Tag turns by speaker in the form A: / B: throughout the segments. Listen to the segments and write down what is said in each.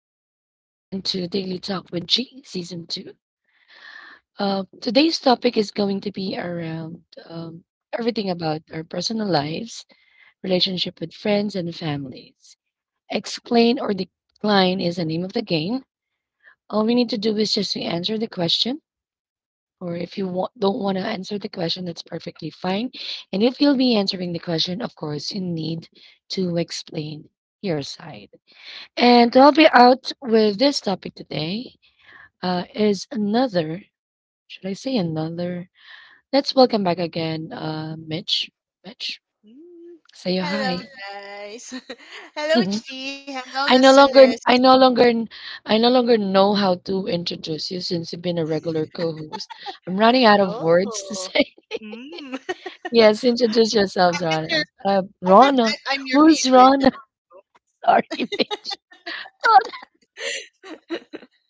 A: and welcome again to Daily Talk with G, Season 2. Today's topic is going to be around um, everything about our personal lives, relationship with friends and families. Explain or decline is the name of the game. All we need to do is just to answer the question, or if you don't want to answer the question, that's perfectly fine. And if you'll be answering the question, of course, you need to explain your side. And to help you out with this topic today is another. Should I say another? Let's welcome back again, Mitch. Mitch,
B: Mm.
A: say hi.
B: Hello, guys. Hello, Chi. Hello,
A: I no
B: listeners.
A: longer, I no longer, I no longer know how to introduce you since you've been a regular co-host. I'm running out of words to
B: Oh,
A: say.
B: mm.
A: Yes, introduce yourselves,
B: I bet
A: Rana.
B: you're. I bet
A: Rana,
B: I'm your
A: who's
B: favorite. you
A: Rana?
B: know.
A: Sorry, Mitch. Rana.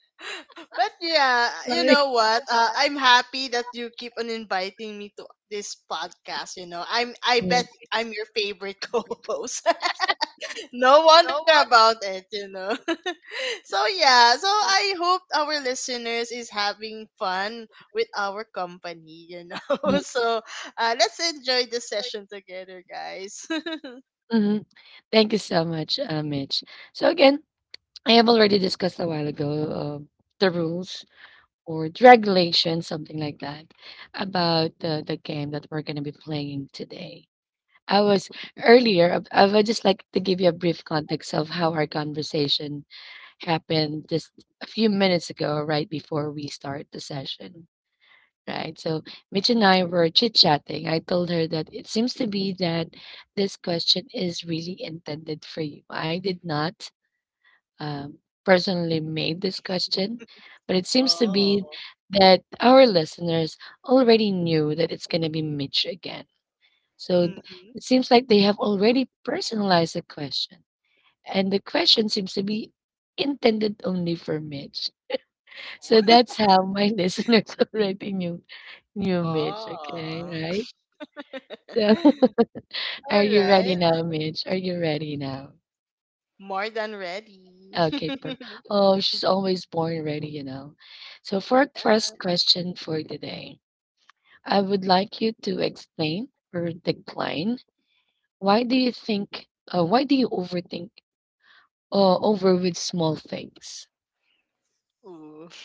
B: But yeah, you
A: Sorry.
B: know what? I'm happy that you keep on inviting me to this podcast. You know, I
A: Mm,
B: bet I'm your favorite co-host. No wonder about it. So yeah, so I hope our listeners is having fun with our company.
A: mm,
B: So let's enjoy the session together, guys.
A: mhm. Thank you so much, Mitch. So again, I have already discussed a while ago, the rules or the regulation, something like that, about the game that we're going to be playing today. I was Earlier, I would just like to give you a brief context of how our conversation happened just a few minutes ago, right before we start the session. Right. So Mitch and I were chit chatting. I told her that it seems to be that this question is really intended for you. I did not um, personally made this question, but it seems to be
B: Oh.
A: that our listeners already knew that it's going to be Mitch again. So
B: Hmm.
A: it seems like they have already personalized the question, and the question seems to be intended only for Mitch. So that's how my listeners already knew Mitch. Okay,
B: Oh.
A: right? So, are
B: All
A: you ready
B: right.
A: now, Mitch? Are you ready now?
B: More than ready.
A: Okay, perfect. Oh, she's always born ready. So for our
B: Yeah.
A: first question for today, I would like you to explain or decline. Why do you think? Why do you overthink? Over with small things.
B: Ooh.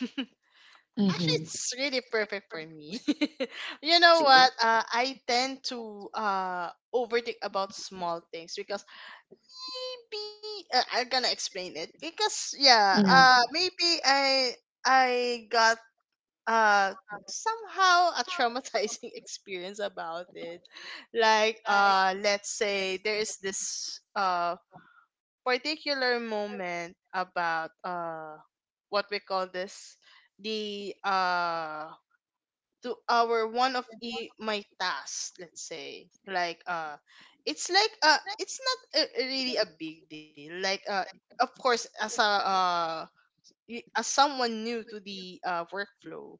A: Mm-hmm.
B: Actually, it's really perfect for me. You know
A: See.
B: what? I tend to overthink about small things, because maybe I'm gonna explain it, because yeah, maybe I got uh somehow a traumatizing experience about it. Like let's say there is this particular moment about what we call this, the to our one of my tasks, let's say, like it's like it's not a, really a big deal, like of course, as a as someone new to the workflow,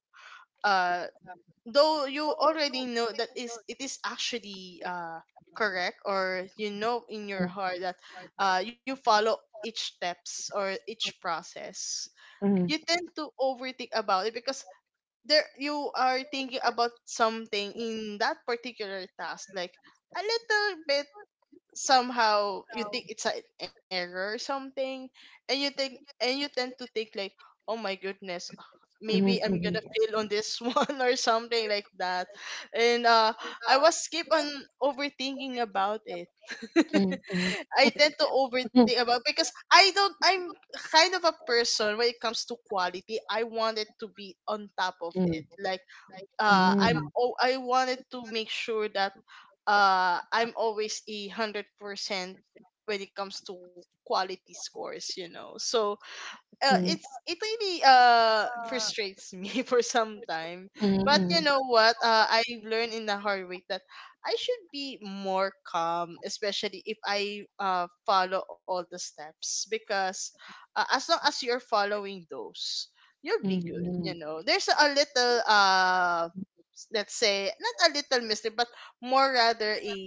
B: uh though you already know that is it is actually correct, or you know in your heart that you follow each steps or each process, you
A: Mhm,
B: tend to overthink about it, because there you are thinking about something in that particular task, like a little bit, somehow you think it's an error or something, and you think and you tend to think like, oh my goodness, maybe
A: mhm,
B: I'm gonna
A: mhm,
B: fail on this one or something like that. And I was keep on overthinking about it.
A: mhm,
B: I tend to overthink about, because I don't I'm kind of a person when it comes to quality. I want it to be on top of it. Like
A: mhm,
B: I wanted to make sure that I'm always 100% when it comes to quality scores, you know. So
A: mhm,
B: it really frustrates me for some time. But you
A: mhm,
B: know what? I've learned in the hard way that I should be more calm, especially if I follow all the steps, because as long as you're following those, you'll be good. You
A: mhm,
B: know, there's a little let's say not a little mystery, but more rather a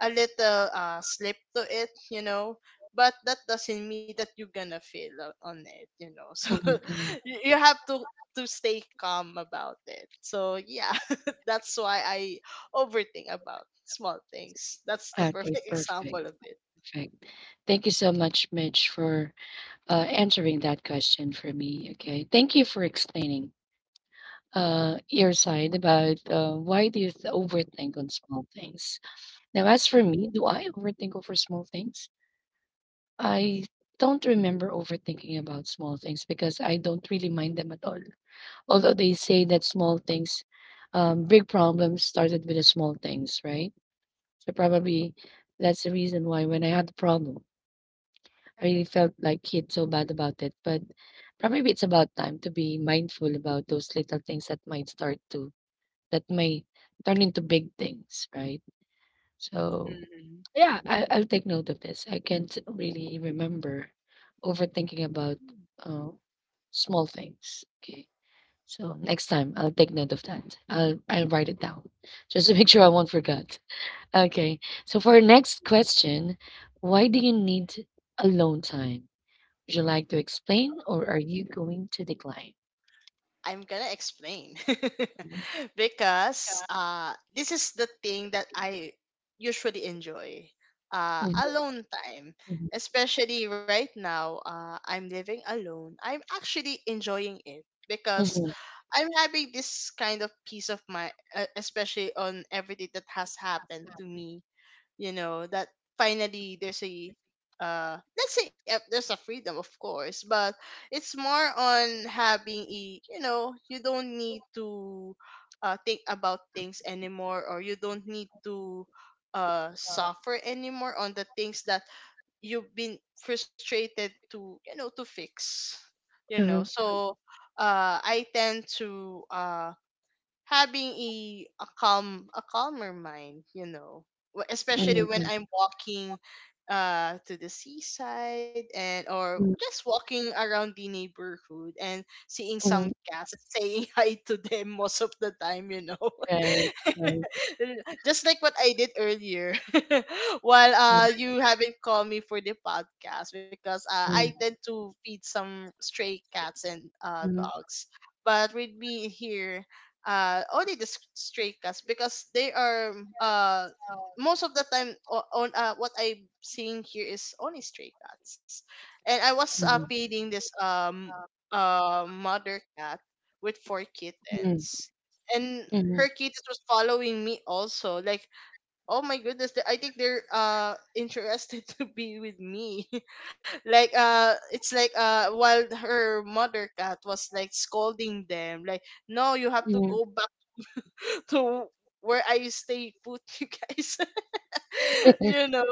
B: a little slip to it. You know, but that doesn't mean that you're gonna fail on it. So
A: mhm, mhm.
B: you have to stay calm about it, so yeah. That's why I overthink about small things. That's the
A: Okay,
B: perfect
A: perfect.
B: example of it.
A: Perfect. Thank you so much, Mitch, for answering that question for me. Okay. Thank you for explaining, your side about why do you overthink on small things? Now, as for me, do I overthink over small things? I don't remember overthinking about small things because I don't really mind them at all. Although they say that small things, big problems started with the small things, right? So probably that's the reason why when I had the problem, I really felt like kid so bad about it. But probably it's about time to be mindful about those little things that might start to that may turn into big things, right? So,
B: Hmm.
A: yeah, I'll take note of this. I can't really remember overthinking about uh, small things. Okay. So next time I'll take note of that. I'll write it down just to make sure I won't forget. Okay. So for our next question, why do you need alone time? Would you like to explain, or are you going to decline?
B: I'm gonna explain, because this is the thing that I usually enjoy,
A: Mhm,
B: alone time, especially right now. I'm living alone. I'm actually enjoying it, because
A: mhm,
B: I'm having this kind of peace of mind, especially on everything that has happened to me. You know that finally there's a let's say there's a freedom, of course, but it's more on having a, you know, you don't need to think about things anymore, or you don't need to suffer anymore on the things that you've been frustrated to, you know, to fix, you know.
A: mhm,
B: So I tend to having a calmer mind, you know. Especially when
A: mhm,
B: I'm walking to the seaside and or just walking around the neighborhood and seeing some
A: mhm.
B: cats, saying hi to them most of the time.
A: Right. Right.
B: Just like what I did earlier, while you haven't called me for the podcast, because I
A: Mhm,
B: tend to feed some stray cats and
A: mhm.
B: dogs, but with me here, only the stray cats, because they are most of the time on what I'm seeing here is only stray cats, and I was feeding this mother cat with four
A: Mhm,
B: kittens, and
A: mhm,
B: her kids was following me also, like, oh my goodness, I think they're interested to be with me, like it's like while her mother cat was like scolding them, like, no, you have to go back to where I stay put, you guys. you know.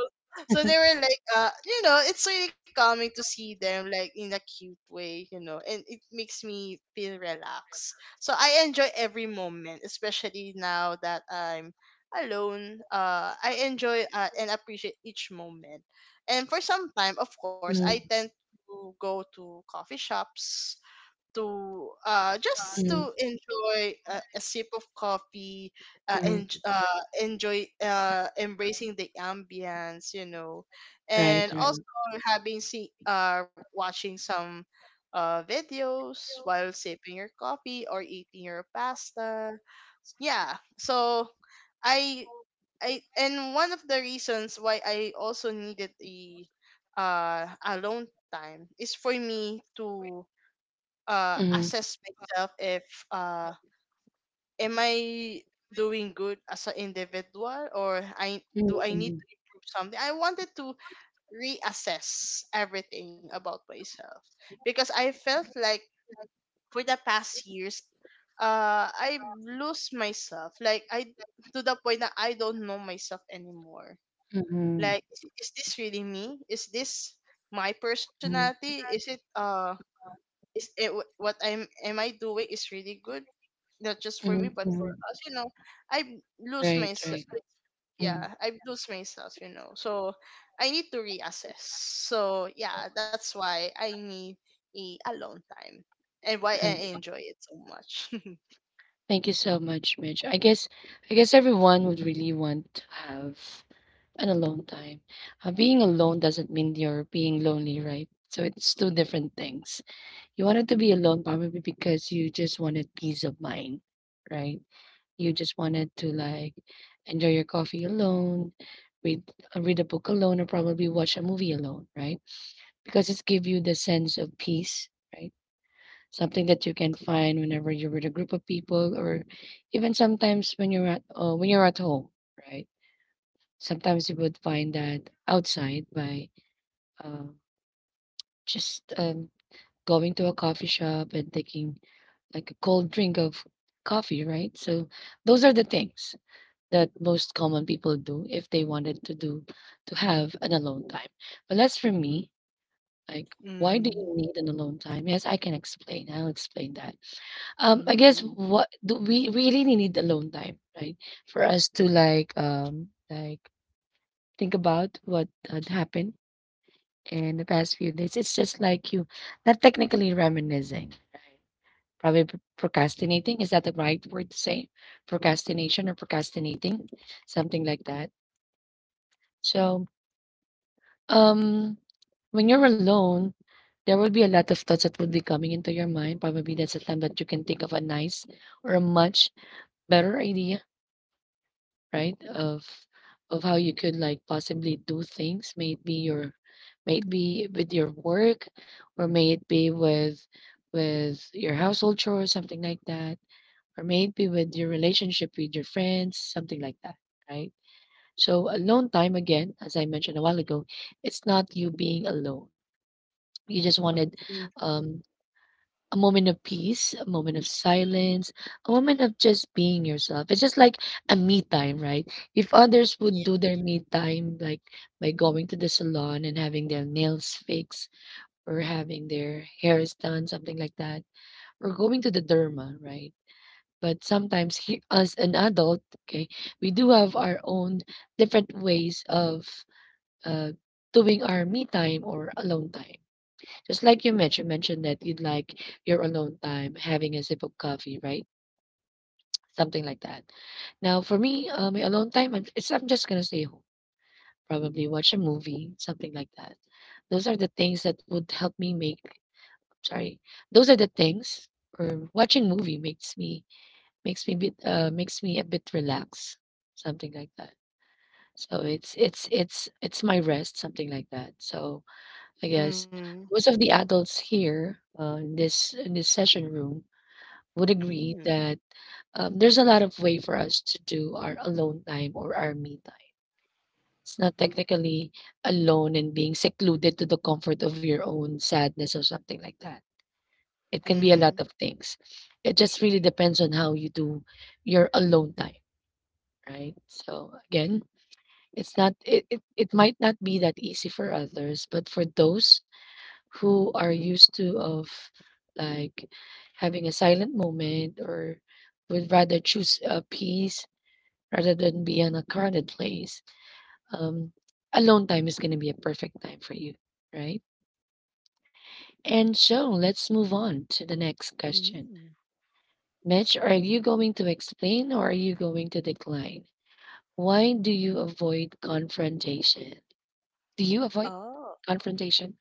B: So they were like, it's really calming to see them, like, in a cute way, you know, and it makes me feel relaxed. So I enjoy every moment, especially now that I'm alone. I enjoy, and appreciate each moment. And for some time, of course, I
A: mhm,
B: tend to go to coffee shops to just
A: mhm,
B: to enjoy a sip of coffee, and
A: mhm.
B: enjoy embracing the ambience, you know.
A: Right,
B: And
A: right.
B: also having see watching some videos while sipping your coffee or eating your pasta, yeah. So i I and one of the reasons why I also needed a alone time is for me to
A: Mhm,
B: assess myself, if uh, am I doing good as an individual, or I
A: mhm,
B: do I need
A: mhm,
B: to improve something. I wanted to reassess everything about myself, because I felt like for the past years, I lose myself. Like, I, to the point that I don't know myself anymore.
A: mhm.
B: Like, is this really me? Is this my personality? Is it what I'm am I doing is really good, not just for me but for
A: Mm-hmm.
B: us. You know, I lose myself.
A: Right. Mm.
B: Yeah, I lose myself. You know, so I need to reassess. So yeah, that's why I need a alone time, and why
A: Uh,
B: I enjoy it so much.
A: Thank you so much, Mitch. I guess everyone would really want to have an alone time. Being alone doesn't mean you're being lonely, right? So it's two different things. You wanted to be alone probably because you just wanted peace of mind, right? You just wanted to like enjoy your coffee alone, read read a book alone, or probably watch a movie alone, right? Because it's give you the sense of peace, right? Something that you can find whenever you're with a group of people, or even sometimes when you're at home, right? Sometimes you would find that outside by uh, just going to a coffee shop and taking like a cold drink of coffee, right? So those are the things that most common people do if they wanted to have an alone time. But as for me, like why do
B: Mm.
A: you need an alone time? Yes, I can explain. I'll explain that. I guess
B: Mm.
A: what do we really need alone time, right? For us to like think about what had happened in the past few days. It's just like you not technically reminiscing. Probably procrastinating. Is that the right word to say? Procrastination or procrastinating? Something like that. So Um, when you're alone, there will be a lot of thoughts that would be coming into your mind. Probably that's the time that you can think of a nice or a much better idea, right? Of how you could like possibly do things. May it be with your work or may it be with your household chores, something like that. Or may it be with your relationship with your friends, something like that, right? So alone time again, as I mentioned a while ago, it's not you being alone, you just wanted
B: Mm-hmm.
A: um, a moment of peace, a moment of silence, a moment of just being yourself. It's just like a me time, right? If others would
B: Yeah.
A: do their me time, like by going to the salon and having their nails fixed or having their hairs done, something like that, or going to the derma, right? But sometimes, he, as an adult, okay, we do have our own different ways of uh, doing our me time or alone time. Just like you mentioned that you'd like your alone time having a sip of coffee, right? Something like that. Now, for me, my alone time, I'm- it's I'm just gonna stay home, probably watch a movie, something like that. Those are the things that would help me make. Sorry, those are the things. Or watching movie makes me a bit relaxed, something like that. So it's my rest, something like that. So I guess
B: Mm.
A: most of the adults here, in this session room, would agree
B: Mm.
A: that there's a lot of way for us to do our alone time or our me time. It's not technically alone and being secluded to the comfort of your own sadness or something like that. It can be a lot
B: Mm.
A: of things. It just really depends on how you do your alone time, right? So again, it might not be that easy for others, but for those who are used to of like having a silent moment or would rather choose a peace rather than be in a crowded place, um alone time is going to be a perfect time for you, right? And so let's move on to the next question.
B: Mm.
A: Mitch, are you going to explain or are you going to decline? Why do you avoid confrontation? Do you avoid
B: Oh.
A: confrontation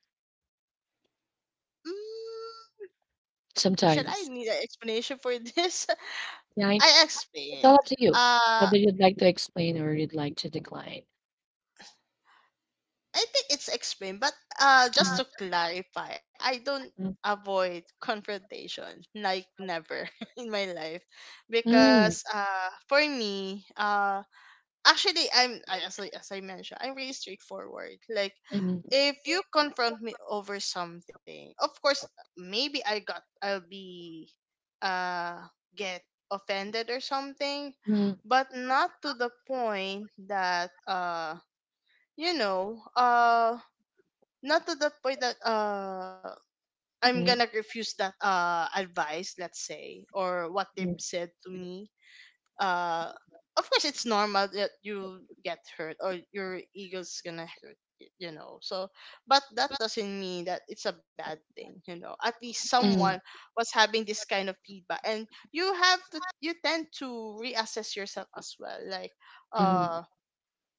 B: Mm. Shall I
A: sometimes?
B: need an explanation for this?
A: Yeah, I
B: I explain.
A: up to you
B: Uh,
A: whether you'd like to explain or you'd like to decline.
B: I think it's explained, but just to clarify, I don't
A: Mm,
B: avoid confrontation, like never in my life,
A: mm,
B: because for me, actually as I mentioned, I'm really straightforward, like,
A: mm,
B: if you confront me over something, of course, maybe I'll be uh get offended or something,
A: mm,
B: but not to the point that you know uh not to the point that I'm gonna
A: mm,
B: refuse that advice, let's say, or what they've said to me. uh of course, it's normal that you get hurt or your ego's gonna hurt, so, but that doesn't mean that it's a bad thing. At least someone was having this kind of feedback, and you have to you tend to reassess yourself as well, like
A: mm,
B: uh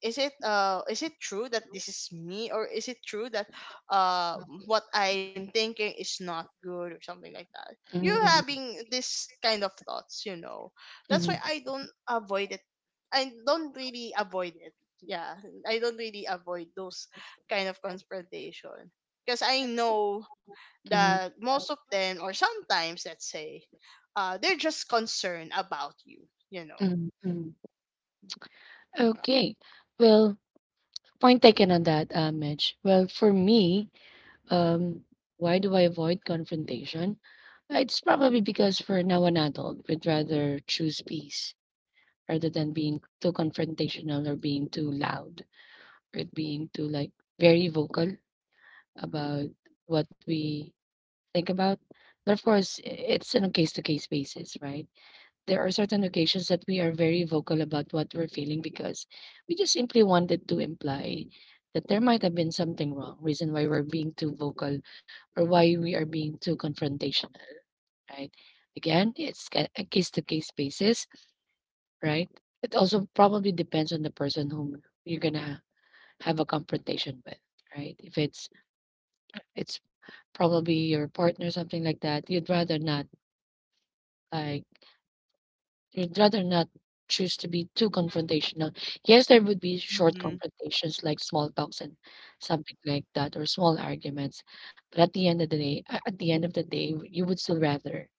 B: is it true that this is me, or is it true that uh what I'm thinking is not good, or something like that. You're
A: mm,
B: having this kind of thoughts, you know. That's why
A: mm,
B: I don't avoid it. I don't really avoid it. Yeah, I don't really avoid those kind of confrontation, because I know
A: mm,
B: that most of them, or sometimes, let's say, they're just concerned about you you know
A: mm, mm. Okay. Well, point taken on that, Mitch. Well, for me, um, why do I avoid confrontation? It's probably because for now an adult would rather choose peace rather than being too confrontational or being too loud or being too like very vocal about what we think about. But of course, it's on a case to case basis, right? There are certain occasions that we are very vocal about what we're feeling because we just simply wanted to imply that there might have been something wrong, reason why we're being too vocal or why we are being too confrontational, right? Again, it's a case to case basis, right? It also probably depends on the person whom you're going to have a confrontation with, right? If it's probably your partner, something like that, you'd rather not. Like, you'd rather not choose to be too confrontational. Yes, there would be short
B: Mm-hmm.
A: confrontations like small talks and something like that, or small arguments. But at the end of the day, at the end of the day, you would still rather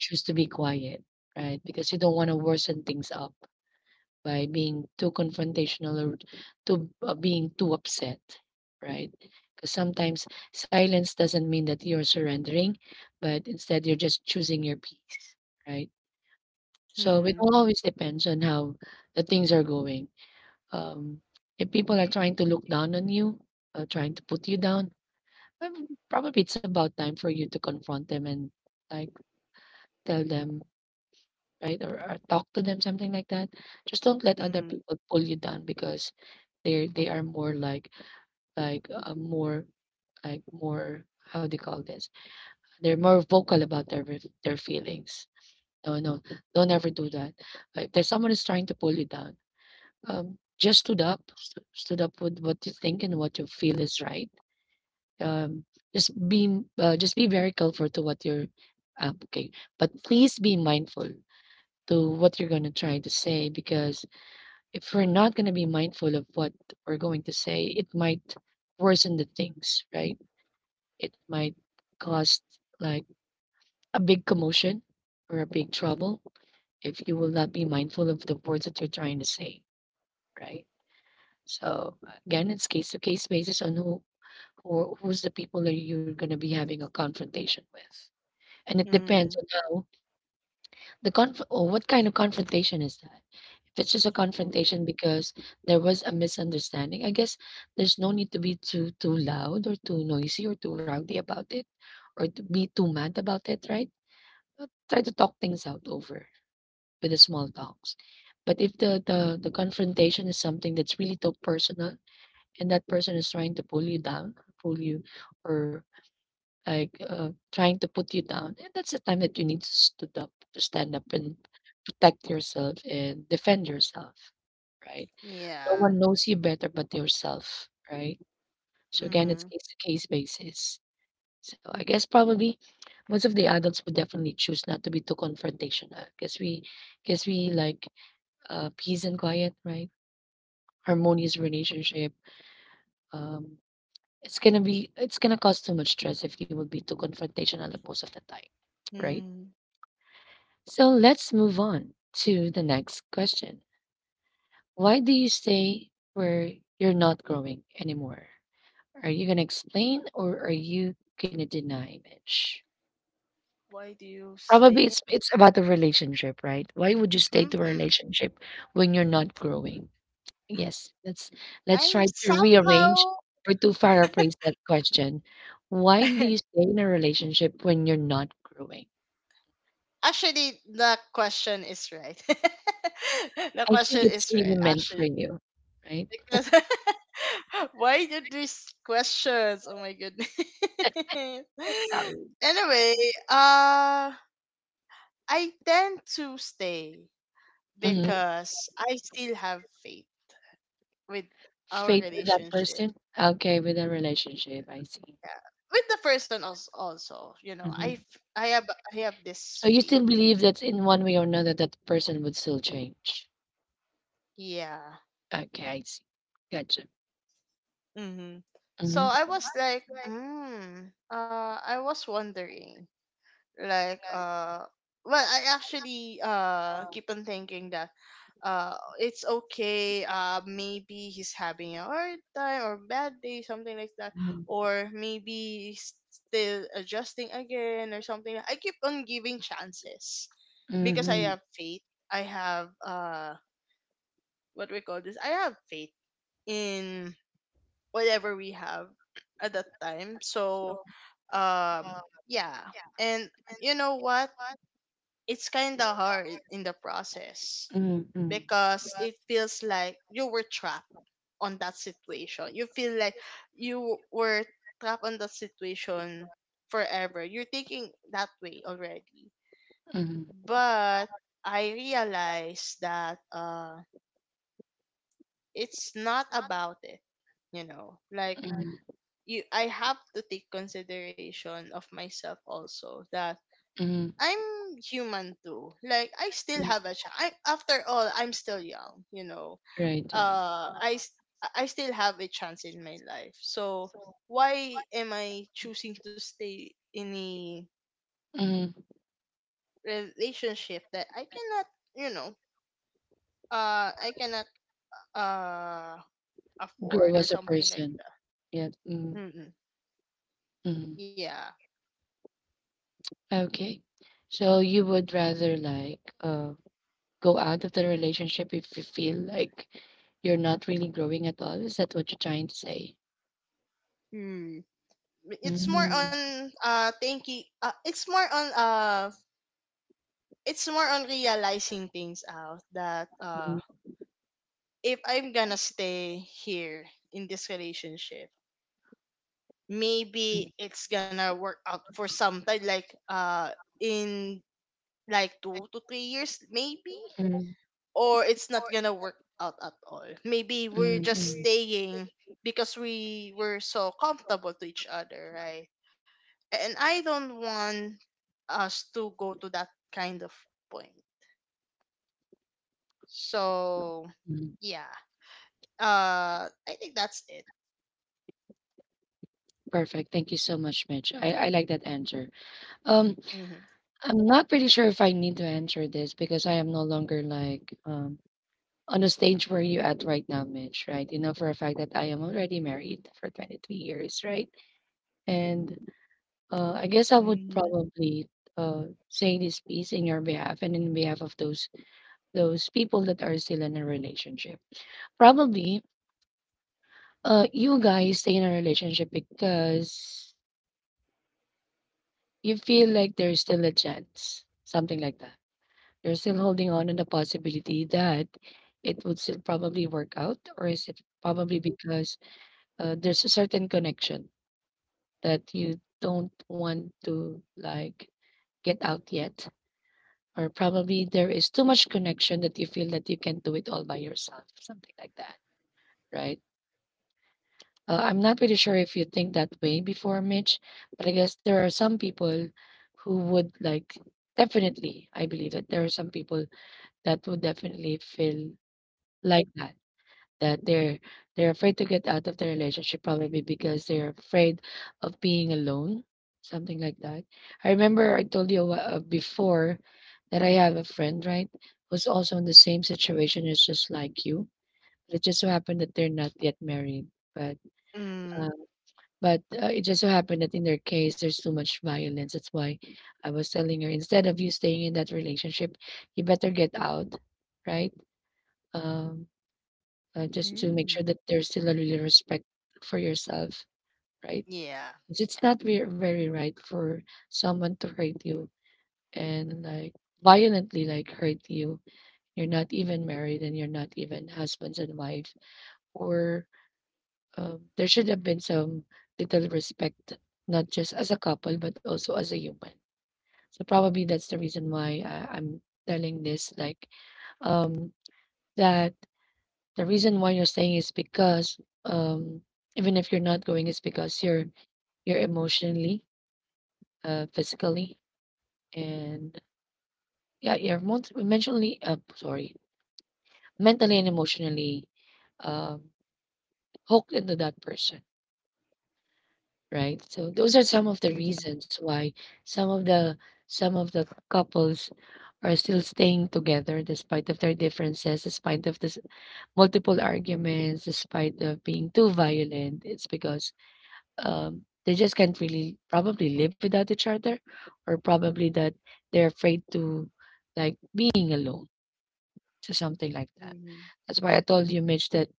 A: choose to be quiet, right? Because you don't want to worsen things up by being too confrontational or too being too upset, right? Because sometimes silence doesn't mean that you're surrendering, but instead you're just choosing your peace, right? So it
B: Mm-hmm.
A: all always depends on how the things are going. Um, if people are trying to look down on you, trying to put you down, probably it's about time for you to confront them and like tell them, right, or talk to them, something like that. Just don't let other
B: Mm-hmm.
A: people pull you down because they are more like more like more how do you call this? They're more vocal about their feelings. No, no, don't ever do that. Like, if there's someone is trying to pull you down. Just stood up, stood up with what you think and what you feel is right. Um, just be just be very careful to what you're okay, but please be mindful to what you're gonna try to say, because if we're not gonna be mindful of what we're going to say, it might worsen the things, right? It might cause like a big commotion or a big trouble if you will not be mindful of the words that you're trying to say, right? So again, it's case to case basis on who or who's the people that you're going to be having a confrontation with. And it
B: Mm-hmm.
A: depends on how the conf or what kind of confrontation is that. If it's just a
B: Oh,
A: confrontation because there was a misunderstanding, I guess there's no need to be too loud or too noisy or too rowdy about it, or to be too mad about it, right? Try to talk things out over with the small talks. But if the confrontation is something that's really too personal and that person is trying to pull you down, pull you, or like trying to put you down, and that's the time that you need to stood up, to stand up and protect yourself and defend yourself, right? No
B: yeah.
A: one knows you better but yourself, right? So again,
B: Mm-hmm.
A: it's case to case basis. So I guess probably most of the adults would definitely choose not to be too confrontational, because we like peace and quiet, right? Harmonious relationship. Um, it's gonna cause too much stress if you would be too confrontational most of the time, right?
B: Mm.
A: So let's move on to the next question. Why do you stay where you're not growing anymore? Are you gonna explain or are you gonna deny, Mitch?
B: Why do you
A: Probably
B: stay?
A: it's about the relationship, right? Why would you stay to a
B: Mm.
A: relationship when you're not growing? Yes, let's
B: I'm
A: try to rearrange
B: somehow.
A: or to paraphrase that question. Why do you stay in a relationship when you're not growing?
B: Actually, the question is right. The
A: I
B: question
A: think it's
B: is right,
A: really meant for
B: actually,
A: you, right?
B: because why did these questions? Oh my goodness.
A: Sorry.
B: Anyway, uh, I tend to stay
A: Hmm.
B: because I still have faith with our
A: Faith with that
B: relationship.
A: person, okay, with a relationship, I see.
B: Yeah, with the person also, you know,
A: Hmm.
B: I have
A: So
B: this
A: you
B: faith,
A: still believe that in one way or another that person would still change.
B: yeah.
A: Okay, I see. Gotcha.
B: Mm-hmm. So
A: Mm-hmm.
B: I was like, I was wondering, like well, I actually keep on thinking that, uh it's okay, maybe he's having a hard time or bad day, something like that, or maybe he's still adjusting again or something, like, I keep on giving chances, because I
A: Mm-hmm.
B: have faith. I have What we call this, I have faith in whatever we have at that time. So um yeah, and you know what, it's kind of hard in the process,
A: Mm-hmm.
B: because it feels like you were trapped on that situation. You feel like you were trapped on that situation forever. You're thinking that way already.
A: Mm-hmm.
B: But I realized that it's not about it, you know. Like,
A: Mm-hmm.
B: you I have to take consideration of myself also, that
A: Mm-hmm.
B: I'm human too. Like, I still have a chance. I, after all, I'm still young, you know.
A: Right, right.
B: uh I s- I still have a chance in my life. So why am I choosing to stay in a
A: Mm-hmm.
B: relationship that I cannot, you know, I cannot uh afford
A: Grow
B: or
A: as a
B: something like
A: person.
B: that.
A: Yeah. Mm,
B: Mm-mm.
A: mhm.
B: Yeah.
A: Okay. So you would rather like go out of the relationship if you feel like you're not really growing at all. Is that what you're trying to say?
B: Mm. It's more
A: Mm-hmm.
B: on thinking it's more on It's more on realizing things out that
A: Mm-hmm.
B: if I'm gonna stay here in this relationship. Maybe it's gonna work out for something in like 2 to 3 years maybe,
A: Mm-hmm.
B: or it's not gonna work out at all. Maybe we're just staying because we were so comfortable to each other, right? And I don't want us to go to that kind of point. So
A: Mm.
B: yeah, I think that's it.
A: Perfect. Thank you so much, Mitch. I like that answer. Um,
B: Mm-hmm.
A: I'm not pretty sure if I need to answer this because I am no longer like on the stage where you at right now, Mitch, right? You know for a fact that I am already married for 23 years, right? And I guess I would
B: Mm-hmm.
A: probably say this piece in your behalf and in behalf of those people that are still in a relationship. Probably, you guys stay in a relationship because you feel like there's still a chance, something like that. You're still holding on to the possibility that it would still probably work out, or is it probably because there's a certain connection that you don't want to like get out yet, or probably there is too much connection that you feel that you can do it all by yourself, something like that, right? I'm not really sure if you think that way before, Mitch, but I guess there are some people who would like definitely, I believe that there are some people that would definitely feel like that, that they're afraid to get out of the relationship probably because they're afraid of being alone, something like that. I remember I told you before that I have a friend, right, who's also in the same situation. It's just like you, it just so happened that they're not yet married, but um,
B: Mm.
A: but it just so happened that in their case there's too much violence. That's why I was telling her, instead of you staying in that relationship, you better get out, right? um just to make
B: Mm-hmm.
A: sure that there's still a real respect for yourself, right?
B: Yeah.
A: 'Cause it's not very, very right for someone to hurt you and like violently like hurt you. You're not even married and you're not even husbands and wife. Or there should have been some little respect, not just as a couple but also as a human. So probably that's the reason why I'm telling this like um that the reason why you're saying is because um, even if you're not going, it's because you're emotionally, physically, and yeah, you're emotionally, sorry, mentally and emotionally um, hooked into that person, right? So those are some of the
B: Mm-hmm.
A: reasons why some of the some of the couples are still staying together despite of their differences, despite of this multiple arguments, despite of being too violent. It's because they just can't really probably live without each other, or probably that they're afraid to like being alone, so something like that. That's why I told you, Mitch, that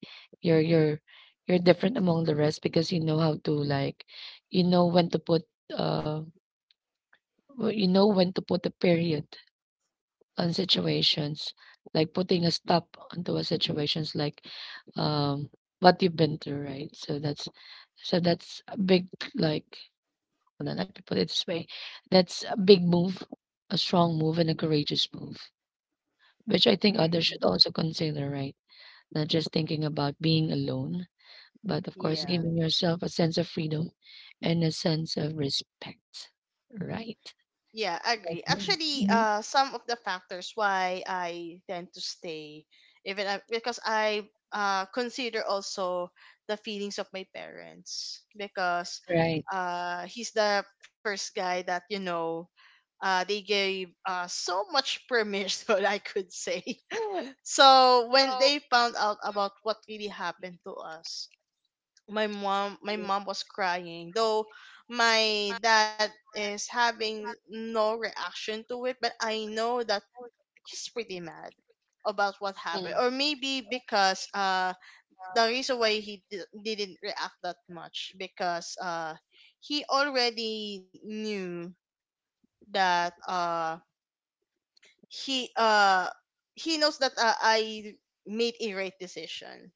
A: you're you're different among the rest because you know how to like, you know when to put uh, you know when to put a period on situations, like putting a stop onto a situations like um what you've been through, right? So that's a big like, well, let me put it this way. That's a big move, a strong move, and a courageous move, which I think others
B: Mm-hmm.
A: should also consider, right? Not just thinking about being alone, but of course,
B: Yeah.
A: giving yourself a sense of freedom and a sense of respect, right?
B: Yeah, I agree.
A: Okay.
B: Actually, some of the factors why I tend to stay, even I, because I consider also the feelings of my parents, because
A: Right.
B: he's the first guy that, you know, they gave so much permission, I could say. So when they found out about what really happened to us, my mom was crying though. My dad is having no reaction to it, but I know that he's pretty mad about what
A: Mm.
B: happened. Or maybe because the reason why didn't react that much, because he already knew that he uh he knows that, I made a right decision.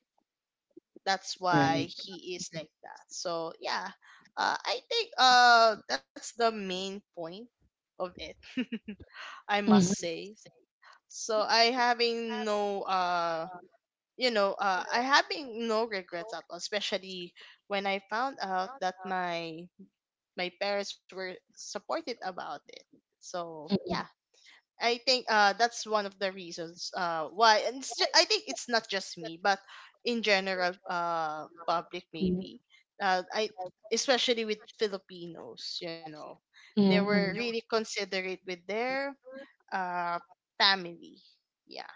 B: That's why
A: Right.
B: he is like that. So yeah, I think that's the main point of it. I must
A: Mm-hmm.
B: say, so I having no I having no regrets at all, especially when I found out that my parents were supported about it. So yeah, I think that's one of the reasons why. And it's I think it's not just me but in general, public maybe. I Especially with Filipinos, you know, they were
A: Hmm.
B: really considerate with their uh family. Yeah.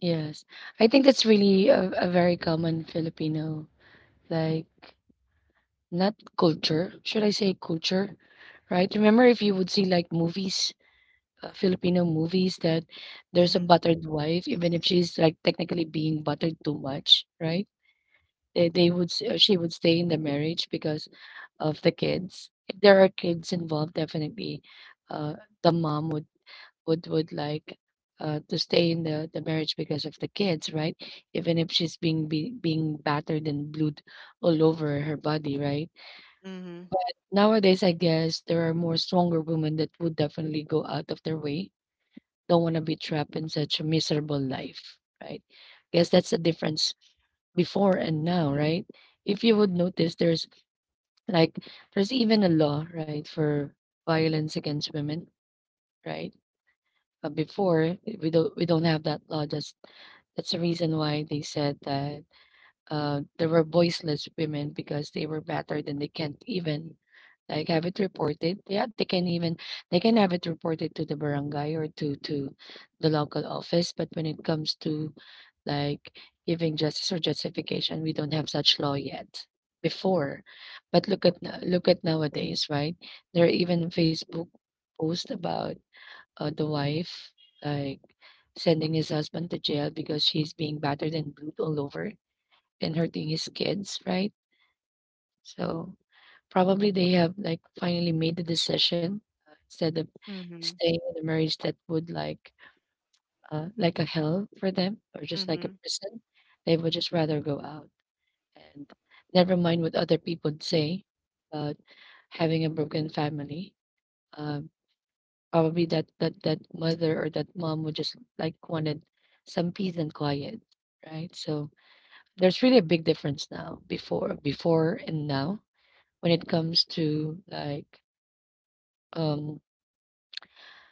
A: Yes. I think that's really a very common Filipino, like, not culture, should I say culture, right? Remember if you would see like movies, Filipino movies that there's a
B: Mhm.
A: buttered wife, even if she's like technically being buttered too much, right? They would she would stay in the marriage because of the kids. If there are kids involved, definitely, uh, the mom would like to stay in the marriage because of the kids, right? Even if she's being battered and blued all over her body, right?
B: Mhm.
A: Nowadays, I guess there are more stronger women that would definitely go out of their way, don't want to be trapped in such a miserable life, right? Guess that's the difference before and now, right? If you would notice, there's like there's even a law, right, for violence against women, right? But before we don't have that law. That's the reason why they said that there were voiceless women because they were battered and they can't even like, have it reported. Yeah, they can even they can have it reported to the barangay or to the local office. But when it comes to like giving justice or justification, we don't have such law yet. Before, but look at no- look at nowadays, right? There are even Facebook posts about the wife like sending his husband to jail because she's being battered and bruised all over and hurting his kids, right? So probably they have like finally made the decision instead of
B: Mhm.
A: staying in a marriage that would like a hell for them or just like a
B: Mhm.
A: prison. They would just rather go out and never mind what other people say about having a broken family. Um, probably that that mother or that mom would just like wanted some peace and quiet, right? So there's really a big difference now before and now when it comes to like um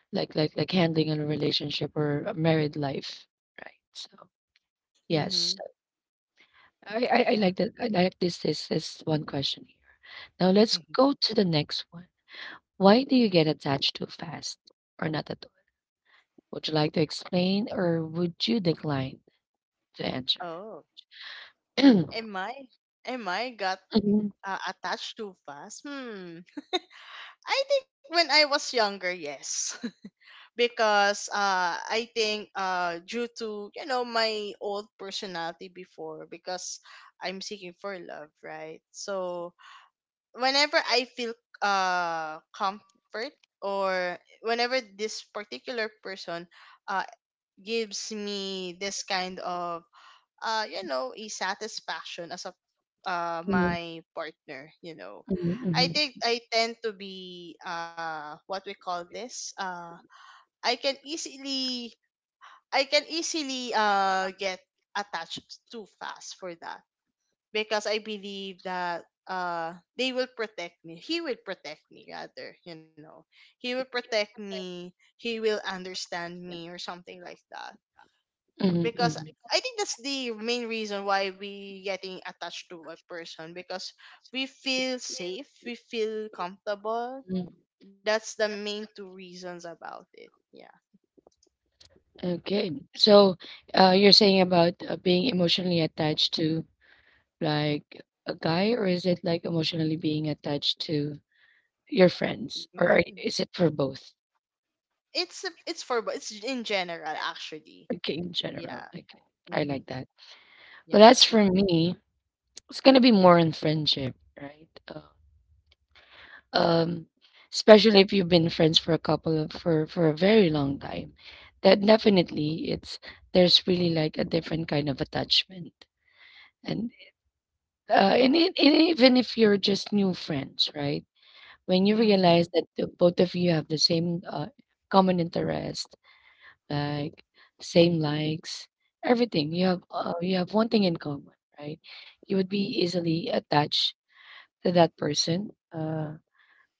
A: Like handling a relationship or a married life, right? So yes,
B: Mhm.
A: I
B: Yeah.
A: like that. I like this one question here. Now let's go to the next one. Why do you get attached too fast or not at all? Would you like to explain or would you decline to answer?
B: Oh. Am I, am I got
A: Mhm,
B: attached too fast? Hmm. I think when I was younger, yes, because I think due to, you know, my old personality before, because I'm seeking for love, right? So whenever I feel comfort, or whenever this particular person uh gives me this kind of you know, a satisfaction as a,
A: mhm,
B: my partner, you know.
A: mhm,
B: I
A: mhm,
B: think I tend to be what we call this I can easily, get attached too fast for that, because I believe that they will protect me. He will protect me rather, you know. He will protect me. He will understand me or something like that.
A: mhm,
B: Because
A: mhm,
B: I think that's the main reason why we getting attached to a person, because we feel safe, we feel comfortable.
A: mhm.
B: That's the main two reasons about it. Yeah.
A: Okay, so you're saying about being emotionally attached to like a guy, or is it like emotionally being attached to your friends, or
B: Mm-hmm.
A: are is it for both?
B: It's a, it's in general actually.
A: Okay, in
B: Yeah.
A: general, like, I
B: Mhm.
A: like that. But
B: Yeah.
A: as for me, it's gonna be more on friendship, right? Um, especially if you've been friends for a couple of for a very long time, that definitely it's there's really like a different kind of attachment, and and, it and even if you're just new friends, right? When you realize
B: Mhm.
A: that the both of you have the same common interest like same likes, everything. You have one thing in common, right? You would be easily attached to that person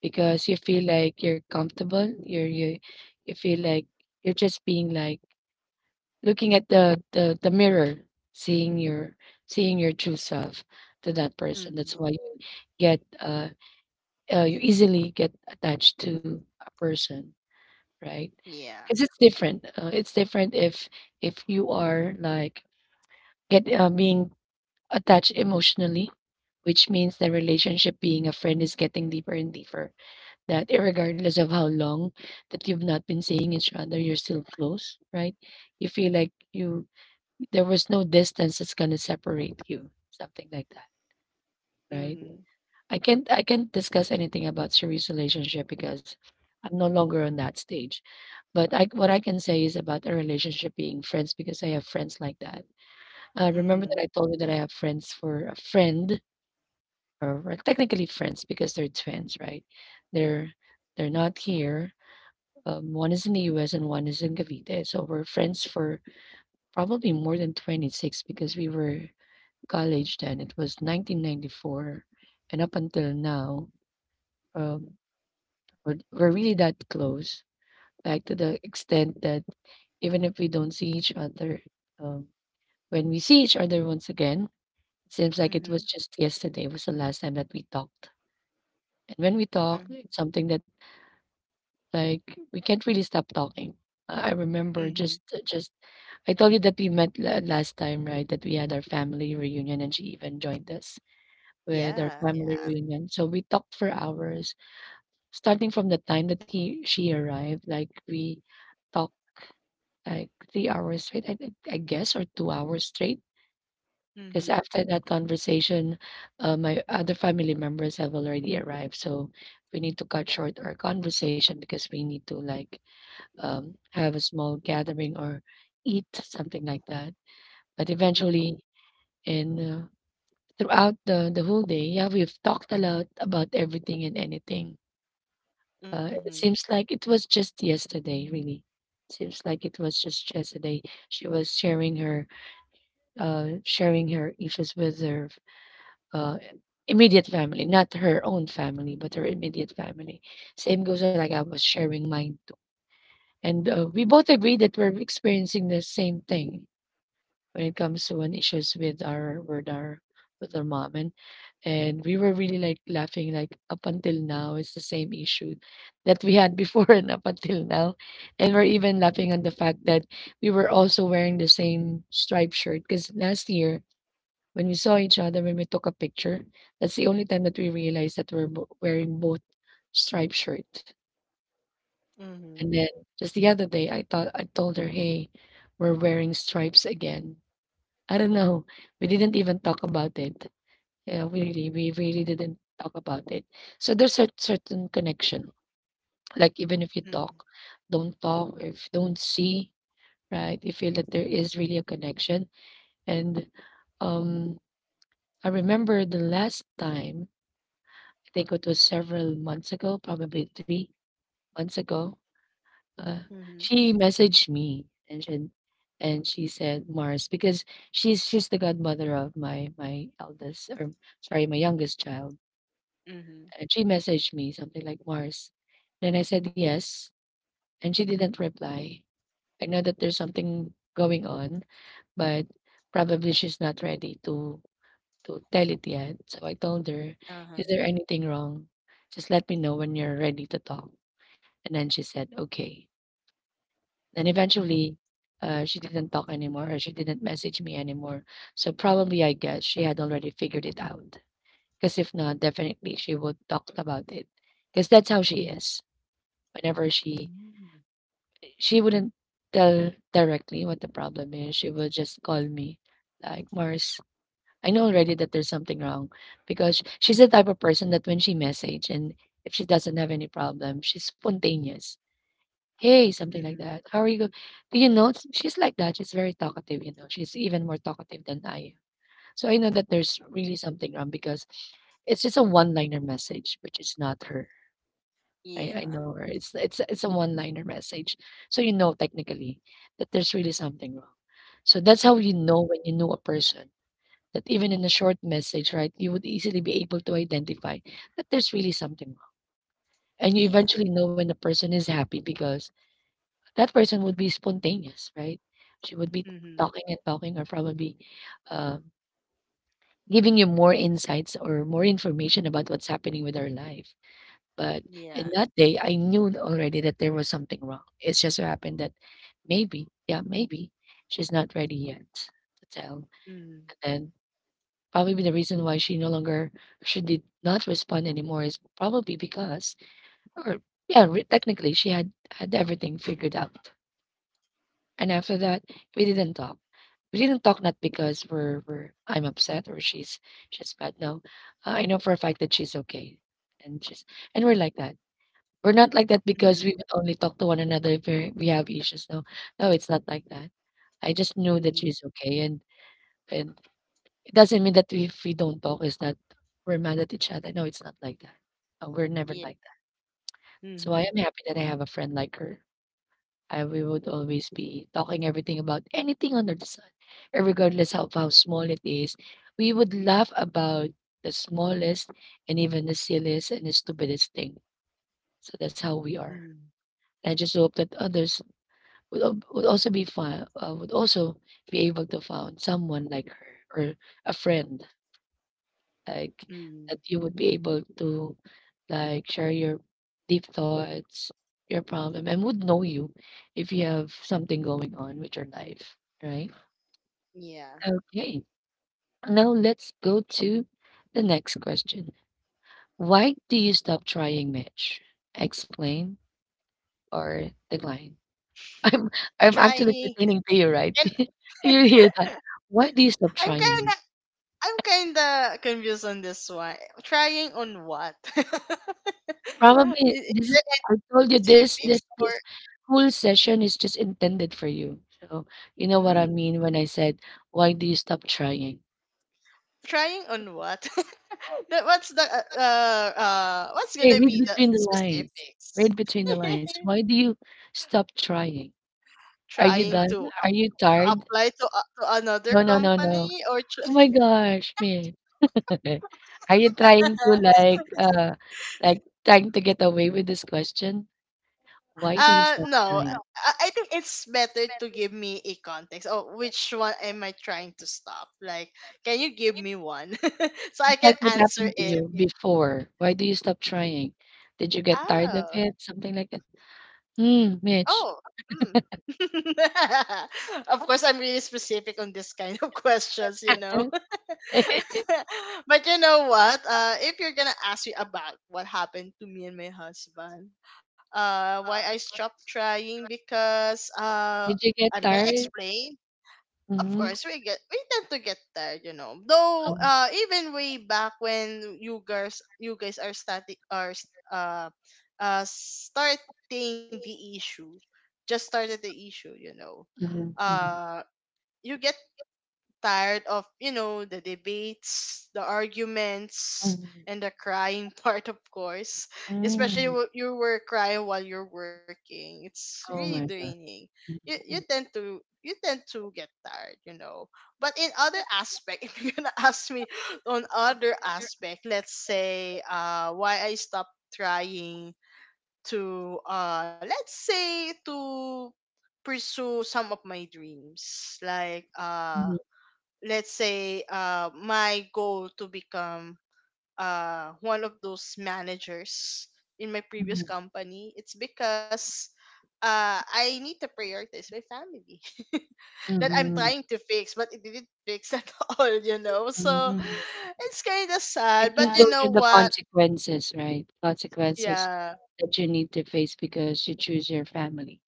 A: because you feel like you're comfortable. You you feel like you're just being like looking at the mirror, seeing your seeing your true self to that person. That's
B: Mhm.
A: why you get you easily get attached to a person, right?
B: Yeah.
A: Because it's different. It's different if you are like get being attached emotionally, which means the relationship being a friend is getting deeper and deeper. That
B: Yeah.
A: regardless of how long that you've not been seeing each other, you're still close, right? You feel like you there was no distance that's gonna separate you, something like that, right?
B: Mhm.
A: I can't discuss anything about serious relationship because I'm no longer on that stage. But I what I can say is about a relationship being friends because I have friends like that. Remember that
B: Mhm.
A: I told you that I have friends for a friend or we technically friends because they're twins, right? They're they're not here. One is in the U.S. and one is in Cavite. So we're friends for probably more than 26 because we were college then. It was 1994, and up until now, um, we're really that close, like to the extent that even if we don't see each other, um, when we see each other once again, it seems like it was
B: Mhm.
A: just yesterday was the last time that we talked. And when we talk,
B: Mhm.
A: it's something that like we can't really stop talking. I remember
B: Mhm.
A: just I told you that we met last time, right? That we had our family reunion and she even joined us with our
B: Yeah.
A: family
B: Yeah.
A: reunion. So we talked for hours, starting from the time that he she arrived, like we talked like 3 hours straight, I guess, or 2 hours straight. Because
B: Mhm.
A: after that conversation, my other family members have already arrived. So we need to cut short our conversation because we need to like have a small gathering or eat something like that. But
B: Mhm.
A: eventually, in throughout the whole day, yeah, we've talked a lot about everything and anything. It
B: Mhm.
A: seems like it was just yesterday, really. Seems like it was just yesterday. She was sharing her issues with her uh, immediate family, not her own family, but her immediate family. Same goes like I was sharing mine, too. And we both agree that we're experiencing the same thing when it comes to an issues with our with our mom. And we were really like laughing, like up until now it's the same issue that we had before and up until now. And we're even laughing on the fact that we were also wearing the same striped shirt because last year when we saw each other, when we took a picture, that's the only time that we realized that we're wearing both striped shirt.
B: Mhm.
A: And then just the other day, I thought I told her, "Hey, we're wearing stripes again." I don't know. We didn't even talk about it. Yeah, we really didn't talk about it. So there's a certain connection. Like even if you
B: Mhm.
A: talk, don't talk, if don't see, right? You feel that there is really a connection. And um, I remember the last time, I think it was several months ago, probably 3 months ago. Uh,
B: Mhm.
A: she messaged me and she said Mars because she's the godmother of my eldest or sorry, my youngest child.
B: Mhm.
A: And she messaged me something like Mars. Then I said yes, and she didn't reply. I know that there's something going on, but probably she's not ready to tell it yet. So I told her, "Is
B: Uh-huh.
A: there anything wrong? Just let me know when you're ready to talk." And then she said, "Okay." Then
B: Mhm.
A: eventually, she didn't talk anymore or she didn't message me anymore. So probably I guess she had already figured it out. Because if not, definitely she would talk about it. Because that's how she is. Whenever she
B: Mhm.
A: she wouldn't tell directly what the problem is, she would just call me like Mars. I know already that there's something wrong because she's the type of person that when she message and if she doesn't have any problem, she's spontaneous. "Hey," something
B: Mhm.
A: like that. "How are you go." Do you know, s she's like that, she's very talkative, you know, she's even more talkative than I am. So I know that there's really something wrong because it's just a one-liner message, which is not her. I
B: Yeah.
A: know her. It's a one-liner message. So you know technically that there's really something wrong. So that's how you
B: Mhm.
A: know when you know a person, that even in a short message, right, you would easily be able to identify that there's really something wrong. And you
B: Yeah.
A: eventually know when a person is happy because that person would be spontaneous, right? She would be
B: Mhm.
A: talking and talking, or probably uh, giving you more insights or more information about what's happening with her life. But in
B: Yeah.
A: that day, I knew already that there was something wrong. It's just so happened that maybe, yeah, maybe she's not ready yet to tell.
B: Mhm.
A: And probably the reason why she no longer, she did not respond anymore is probably because, or yeah, technically she had had everything figured out. And after that, we didn't talk. We didn't talk not because we're I'm upset or she's bad. No, I know for a fact that she's okay, and she's and we're like that. We're not like that
B: Mhm.
A: because we would only talk to one another if we have issues. No, no, It's not like that. I just knew that
B: Mhm.
A: she's okay, and and it doesn't mean that if we don't talk, it's not we're mad at each other. No, it's not like that. We're never
B: Yeah.
A: like that. So I am
B: Mhm.
A: happy that I have a friend like her. I We would always be talking everything about anything under the sun, regardless of how small it is. We would laugh about the smallest and even the silliest and the stupidest thing. So that's how we are.
B: Mhm.
A: I just hope that others would, would also be fine, would also be able to find someone like her or a friend like that
B: Mhm.
A: you would be able to like share your deep thoughts, your problem, and would know you if you have something going on with your life, right?
B: Yeah.
A: Okay. Now let's go to the next question. Why do you stop trying, Mitch? Explain or decline? I'm I'm actually
B: Try.
A: pertaining to you, right? Do you hear that? Why do you stop
B: I'm kinda
A: trying?
B: I'm kinda confused on this one. Trying on what?
A: Probably
B: Is
A: this is
B: there
A: I told you this
B: specifics
A: this
B: or...
A: this whole session is just intended for you. So, you know what I
B: Mm,
A: mean when I said, "Why do you stop trying?"
B: trying on what? What's the what's
A: Hey,
B: gonna
A: read
B: be the
A: between the lines.
B: specifics?
A: Read between the lines. Why do you stop trying? Are you
B: Trying
A: done?
B: to
A: Are you tired?
B: apply to a to another
A: No, no, no, no.
B: company or
A: Oh my gosh, man. Are you trying to like uh like trying to get away with this question? Why do you stop
B: No,
A: trying?
B: I think it's better to give me a context. Oh, which one am I trying to stop? Like, can you give me one? So I can answer it.
A: Before? Why do you stop
B: Mhm.
A: trying? Did you get tired of
B: Oh,
A: it?" Something like that. Hmm,
B: oh,
A: Mitch,
B: mm. Of course, I'm really specific on this kind of questions, you know. But you know what? If you're gonna ask me about what happened to me and my husband, why I stopped trying, because
A: did you get
B: I'm gonna
A: tired?
B: explain. Of
A: Mhm,
B: course we get, we tend to get tired, you know. Though
A: mm,
B: even way back when you guys are starting the issue, just started the issue, you know.
A: mhm, mhm,
B: uh you get tired of, you know, the debates, the arguments,
A: mhm,
B: and the crying part, of course. Especially
A: mm.
B: when you were crying while you're working. It's really
A: Oh my God.
B: draining.
A: Mhm,
B: You tend to get tired, you know. But in other aspect, if you're gonna ask me on other aspect, let's say why I stopped trying to let's say to pursue some of my dreams, like
A: mhm,
B: let's say, my goal to become one of those managers in my previous company. It's because I need to prioritize my family that I'm
A: mhm,
B: trying to fix, but it didn't fix at all, you know.
A: mhm,
B: So
A: mhm.
B: it's kind of
A: I
B: sad, but
A: think
B: you
A: those
B: know
A: are the
B: what.
A: consequences, right? Consequences
B: Yeah.
A: that you need to face because you choose your family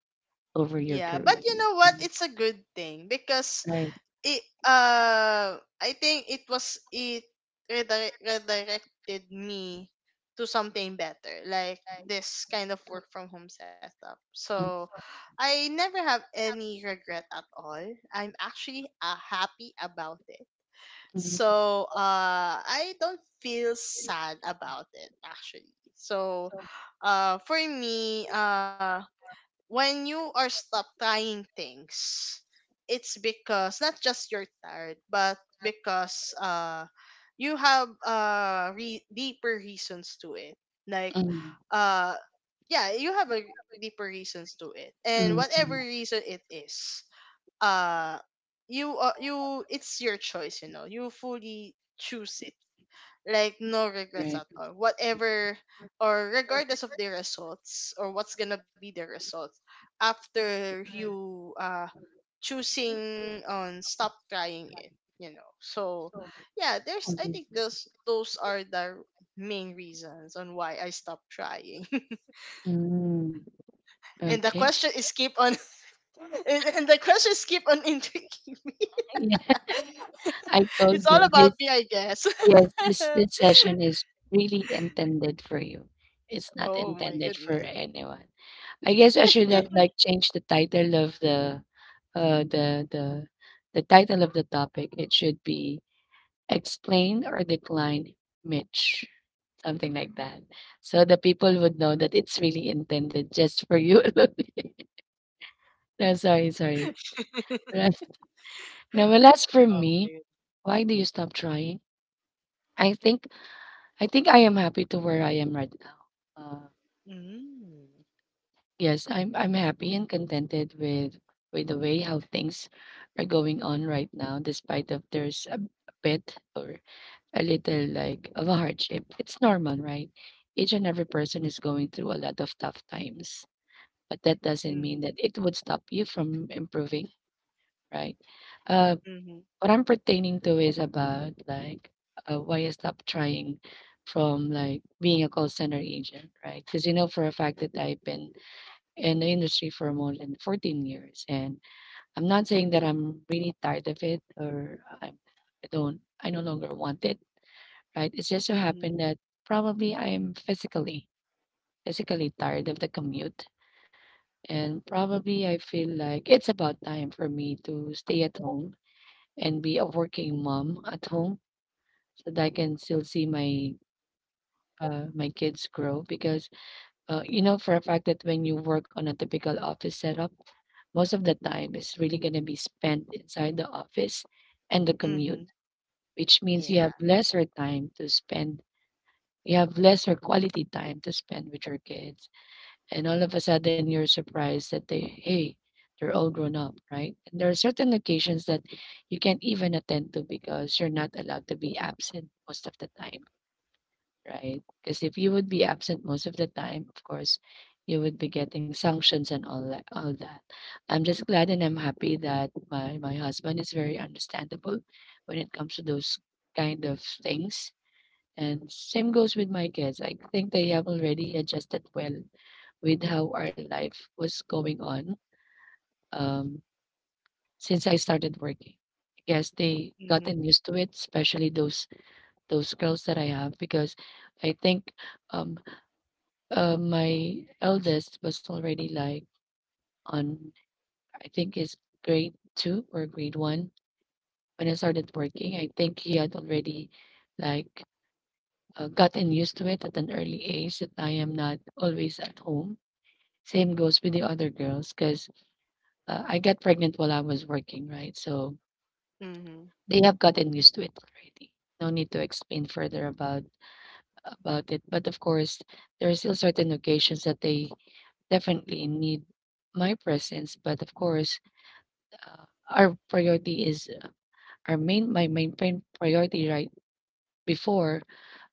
A: over
B: Yeah,
A: your
B: but you
A: career.
B: know what, it's
A: Mhm.
B: a good thing because
A: Right.
B: it I think it was it redirected me to something better, like this kind of work from home setup.
A: Mm,
B: So I never have any regret at all. I'm actually happy about it.
A: mm,
B: So I don't feel sad about it actually. So for me, when you are stopped trying things, it's because not just you're tired, but because you have deeper reasons to it. Like,
A: mm,
B: uh yeah, you have a deeper reasons to it. And
A: mm,
B: whatever
A: mm.
B: reason it is, uh you you it's your choice, you know. You fully choose it, like no regrets
A: Right.
B: at all, whatever, or regardless of the results, or what's gonna be the results after you choosing on stop trying it, you know. So yeah, there's, I think those are the main reasons on why I stopped trying.
A: Mm.
B: And the
A: Okay.
B: question is keep on... And the question is keep on intriguing me.
A: I
B: It's
A: told
B: all
A: you
B: about me,
A: this,
B: I guess.
A: yes, this session is really intended for you. It's not
B: Oh my
A: intended for
B: goodness.
A: anyone. I guess I should have like changed the title of the uh the the the title of the topic. It should be explain or decline Mitch. Something like that. So the people would know that it's really intended just for you alone. No, sorry, sorry. Now well as for
B: Oh
A: me,
B: my.
A: why do you stop trying? I think I think I am happy to where I am right now. Uh,
B: Mm.
A: yes, I'm happy and contented with the way how things are going on right now, despite of there's a bit or a little like of a hardship. It's normal, right? Each and every person is going through a lot of tough times, but that doesn't
B: Mhm.
A: mean that it would stop you from improving, right? Uh,
B: Mhm.
A: What I'm pertaining to is about, like, why I stopped trying from, like, being a call center agent, right? Because you know for a fact that I've been in the industry for more than 14 years, and I'm not saying that I'm really tired of it or I'm I don't I no longer want it, right? It's just so
B: Mhm.
A: happened that probably I am physically tired of the commute, and probably I feel like it's about time for me to stay at home and be a working mom at home that I can still see my kids grow because you know for a fact that when you work on a typical office setup, most of the time is really going to be spent inside the office and the
B: Mhm.
A: commute, which means you have
B: Yeah.
A: lesser time to spend. You have lesser quality time to spend with your kids, and all of a sudden you're surprised that they hey they're all grown up, right? And there are certain occasions that you can't even attend to because you're not allowed to be absent most of the time. Right, because if you would be absent most of the time, of course, you would be getting sanctions and all that. I'm just glad and I'm happy that my husband is very understandable when it comes to those kind of things, and same goes with my kids. I think they have already adjusted well with how our life was going on, um, since I started working. I guess they
B: Mhm.
A: gotten used to it, especially those girls that I have because I think, um, my eldest was already like on, I think is grade two or grade one when I started working. I think he had already like gotten used to it at an early age that I am not always at home. Same goes with the other girls because I got pregnant while I was working, right? So
B: Mhm.
A: they have gotten used to it already. No need to explain further about it. But of course, there are still certain occasions that they definitely need my presence. But of course, Uh, our priority is our main my main prin- priority right before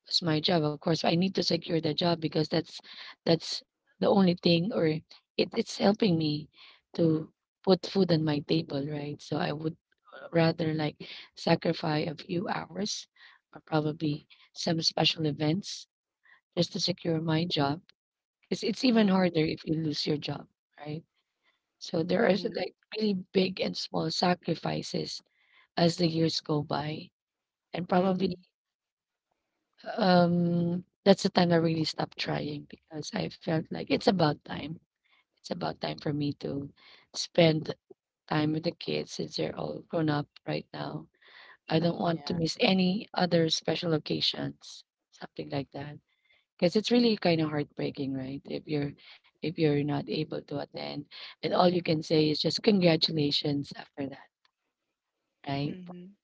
A: was my job. Of course, I need to secure the job because that's the only thing, or it's helping me to put food on my table, right? So I would rather like sacrifice a few hours or probably some special events just to secure my job because it's even
B: Mhm.
A: harder if you lose your job, right? So there are
B: Mhm.
A: like really big and small sacrifices as the years go by. And probably,
B: Mhm.
A: that's the time I really stopped trying because I felt like it's about time. It's about time for me to spend time with the kids since they're all grown up right now. I don't want to
B: Yeah.
A: miss any other special occasions, something like that. Because it's really kind of heartbreaking, right? If you're not able to attend, and all you can say is just congratulations after that, right?
B: Mhm.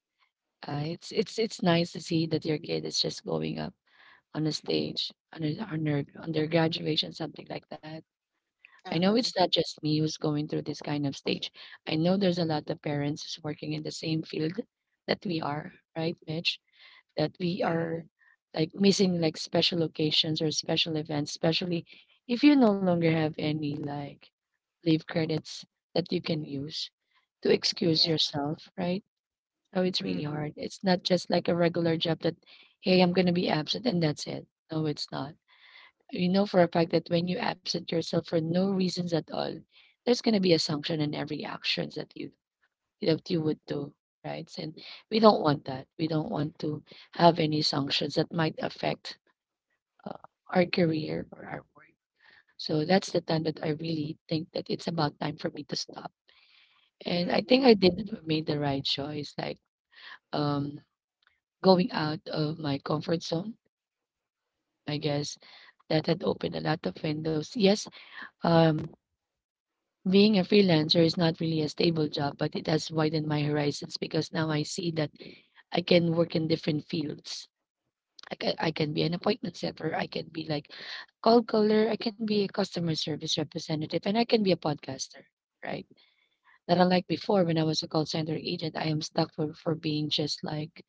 A: It's nice to see that your
B: Mm.
A: kid is just going up on a stage, on a on their graduation, something like that. I know it's
B: Uh-huh.
A: not just me who's going through this kind of stage. I know there's a lot of parents who's working in the same field that we are, right, Mitch? That we
B: Mhm.
A: are like missing like special occasions or special events, especially if you no longer have any like leave credits that you can use to excuse
B: Yeah.
A: yourself, right? So it's really
B: Mhm.
A: hard. It's not just like a regular job that, hey, I'm going to be absent and that's it. No, it's not. You know for a fact that when you absent yourself for no reasons at all, there's gonna be a sanction in every actions that you would do, right? And we don't want that. We don't want to have any sanctions that might affect uh, our career or our work. So that's the time that I really think that it's about time for me to stop. And I think
B: Mhm.
A: I did made the right choice, like um, going out of my comfort zone. I guess that had opened a lot of windows. Yes, um, being a freelancer is not really a stable job, but it has widened my horizons because now I see that I can work in different fields. Like, I can be an appointment setter, I can be like call caller, I can be a customer service representative, and I can be a podcaster, right? That unlike before when I was a call center agent, I am stuck for being just like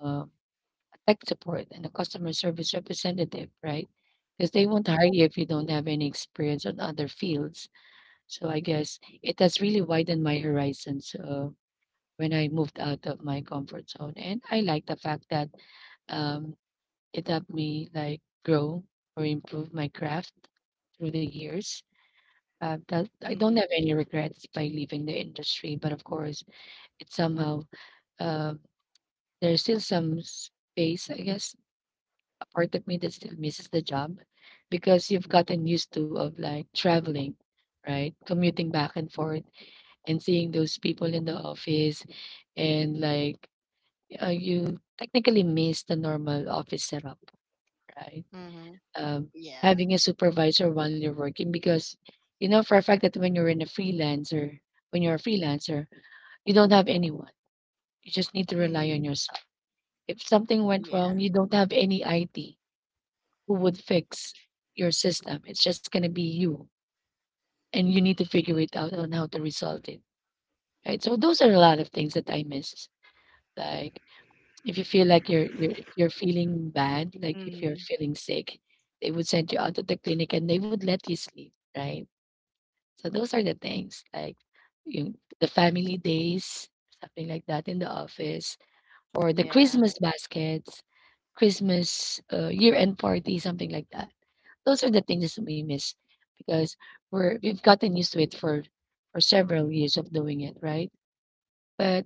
A: uh, a tech support and a customer service representative, right? Because they won't hire you if you don't have any experience on other fields. So I guess it has really widened my horizons when I moved out of my comfort zone. And I like the fact that um, it helped me like grow or improve my craft through the years. That I don't
B: Mhm.
A: have any regrets by leaving the industry, but of course, it somehow uh, there's still some space, I guess, a part of me that still misses the job because you've gotten used to of like traveling, right, commuting back and forth and seeing those people in the office and you technically miss the normal office setup, right?
B: Mhm.
A: Um,
B: Yeah.
A: Having a supervisor while you're working because you know for a fact that when you're a freelancer, you don't have anyone. You just need to rely on
B: Mhm.
A: yourself. If something went wrong,
B: Yeah.
A: you don't have any IT who would fix your system. It's just gonna be you, and you need to figure it out on how to resolve it. Right. So those are a lot of things that I miss, like if you feel like you're feeling bad, like if you're
B: Mhm.
A: feeling sick, they would send you out to the clinic and they would let you sleep, right? So those are the things like you the family days, something like that in the office, or the
B: Yeah.
A: Christmas baskets, Christmas year-end party, something like that. Those are the things that we miss because we've gotten used to it for several years of doing it, right? But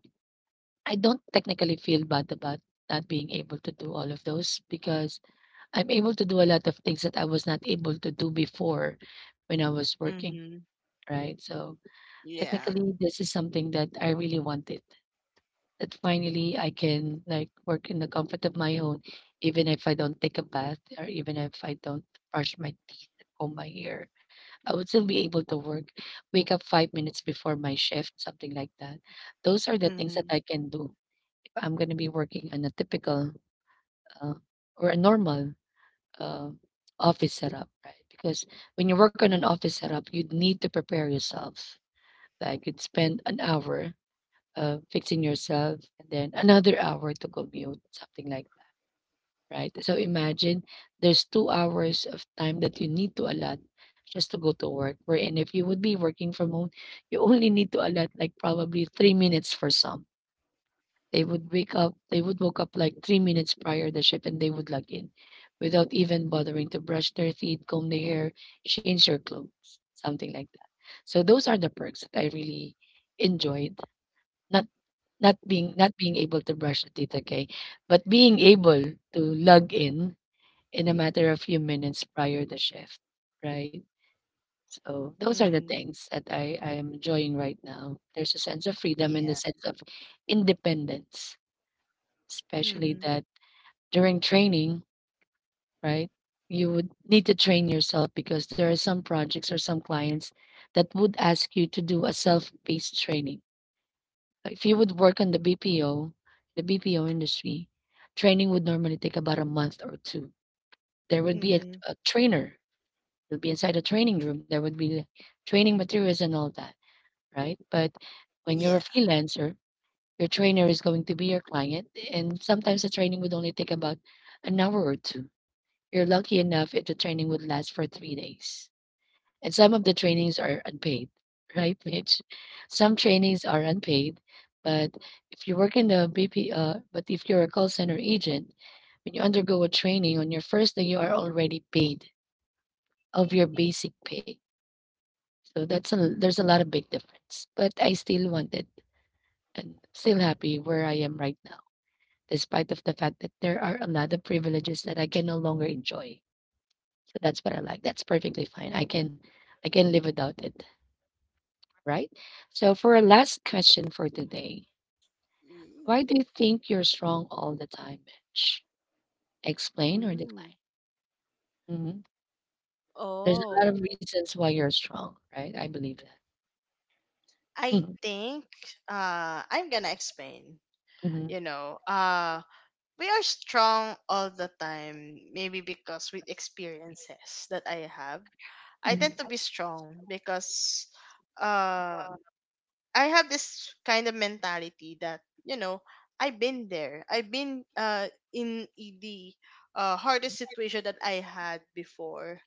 A: I don't technically feel bad about not being able to do all of those because I'm able to do a lot of things that I was not able to do before when I was working,
B: Mhm.
A: right? So
B: Yeah.
A: technically, this is something that I really wanted. That finally I can like work in the comfort of my own, even if I don't take a bath or even if I don't brush my teeth, comb my hair, I would still be able to work. Wake up 5 minutes before my shift, something like that. Those are the things that
B: Mhm.
A: I can do I'm going to be working on a typical uh, or a normal uh, office setup, right? Because when you work on an office setup, you need to prepare yourself. Like you'd spend an hour fixing yourself and then another hour to commute, something like that, right? So imagine there's 2 hours of time that you need to allot just to go to work. Wherein if you would be working from home, you only need to allot like probably 3 minutes for some. They would woke up like 3 minutes prior the ship and they would log in without even bothering to brush their teeth, comb their hair, change their clothes, something like that. So those are the perks that I really enjoyed. Not not being able to brush the teeth, okay, but being able to log in a matter of few minutes prior the shift, right? So those are the
B: Mhm.
A: things that I am enjoying right now. There's a sense of freedom and a
B: Yeah.
A: sense of independence especially
B: Mhm.
A: that during training, right? You would need to train yourself because there are some projects or some clients that would ask you to do a self-paced training. If you would work on the BPO, the BPO industry, training would normally take about a month or two. There would be
B: Mhm.
A: a trainer. You'll be inside a training room. There would be training materials and all that, right? But when
B: Yeah.
A: you're a freelancer, your trainer is going to be your client, and sometimes the training would only take about an hour or two. You're lucky enough if the training would last for 3 days. And some of the trainings are unpaid, right, Mitch? Some trainings are unpaid, but if you work in the but if you're a call center agent, when you undergo a training on your first day, you are already paid of your basic pay. So there's a lot of big difference. But I still wanted and still happy where I am right now, despite of the fact that there are a lot of privileges that I can no longer enjoy. So that's what I like. That's perfectly fine. I can live without it, right? So for our last question for today, why
B: Mm.
A: do you think you're strong all the time, Mitch? Explain or
B: Mm.
A: decline? Hmm. There's a lot of
B: Oh.
A: reasons why you're strong, right? I believe that.
B: I
A: Mhm,
B: think I'm gonna explain.
A: mhm,
B: You know, we are strong all the time maybe because with experiences that I have, I
A: mhm,
B: tend to be strong because uh I have this kind of mentality that, you know, I've been there. I've been in the, hardest situation that I had before.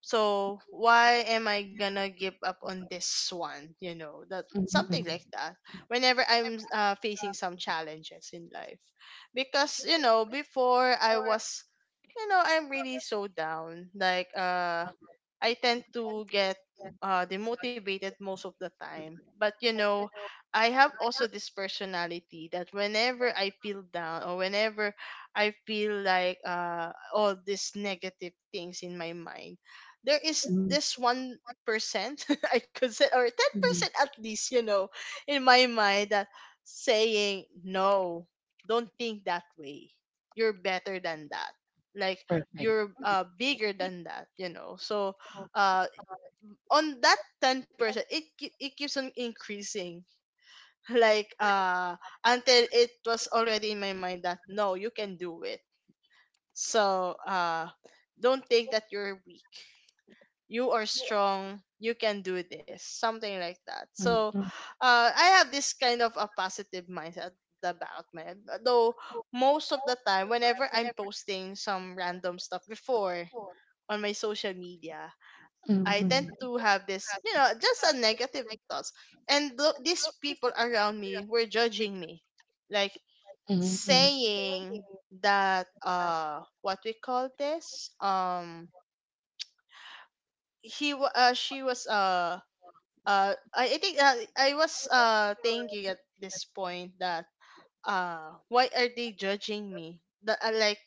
B: So why am I gonna give up on this one, you know? That,
A: mhm,
B: something like
A: mhm,
B: that, whenever I'm facing some challenges in life, because, you know, before I was, you know, I'm really so down. Like, I tend to get demotivated most of the time. But, you know, I have also this personality that whenever I feel down, or whenever I feel like, all these negative things in my mind, there is
A: mhm,
B: this 1%, I could say, or
A: mhm.
B: 10% at least, you know, in my mind that saying, no, don't think that way. You're better than that. Like,
A: Perfect.
B: you're bigger than that, you know. So uh on that 10%, it keeps on increasing like until it was already in my mind that no, you can do it. So don't think that you're weak. You are strong. You can do this, something like that.
A: Mhm,
B: So
A: mhm,
B: I have this kind of a positive mindset about my, though most of the time whenever I'm posting some random stuff before on my social media,
A: mhm,
B: I tend
A: mhm,
B: to have this, you know, just a negative thoughts. And these people around me were judging me, like,
A: mhm,
B: saying that, what we call this she was I think, I was thinking at this point that why are they judging me, that like,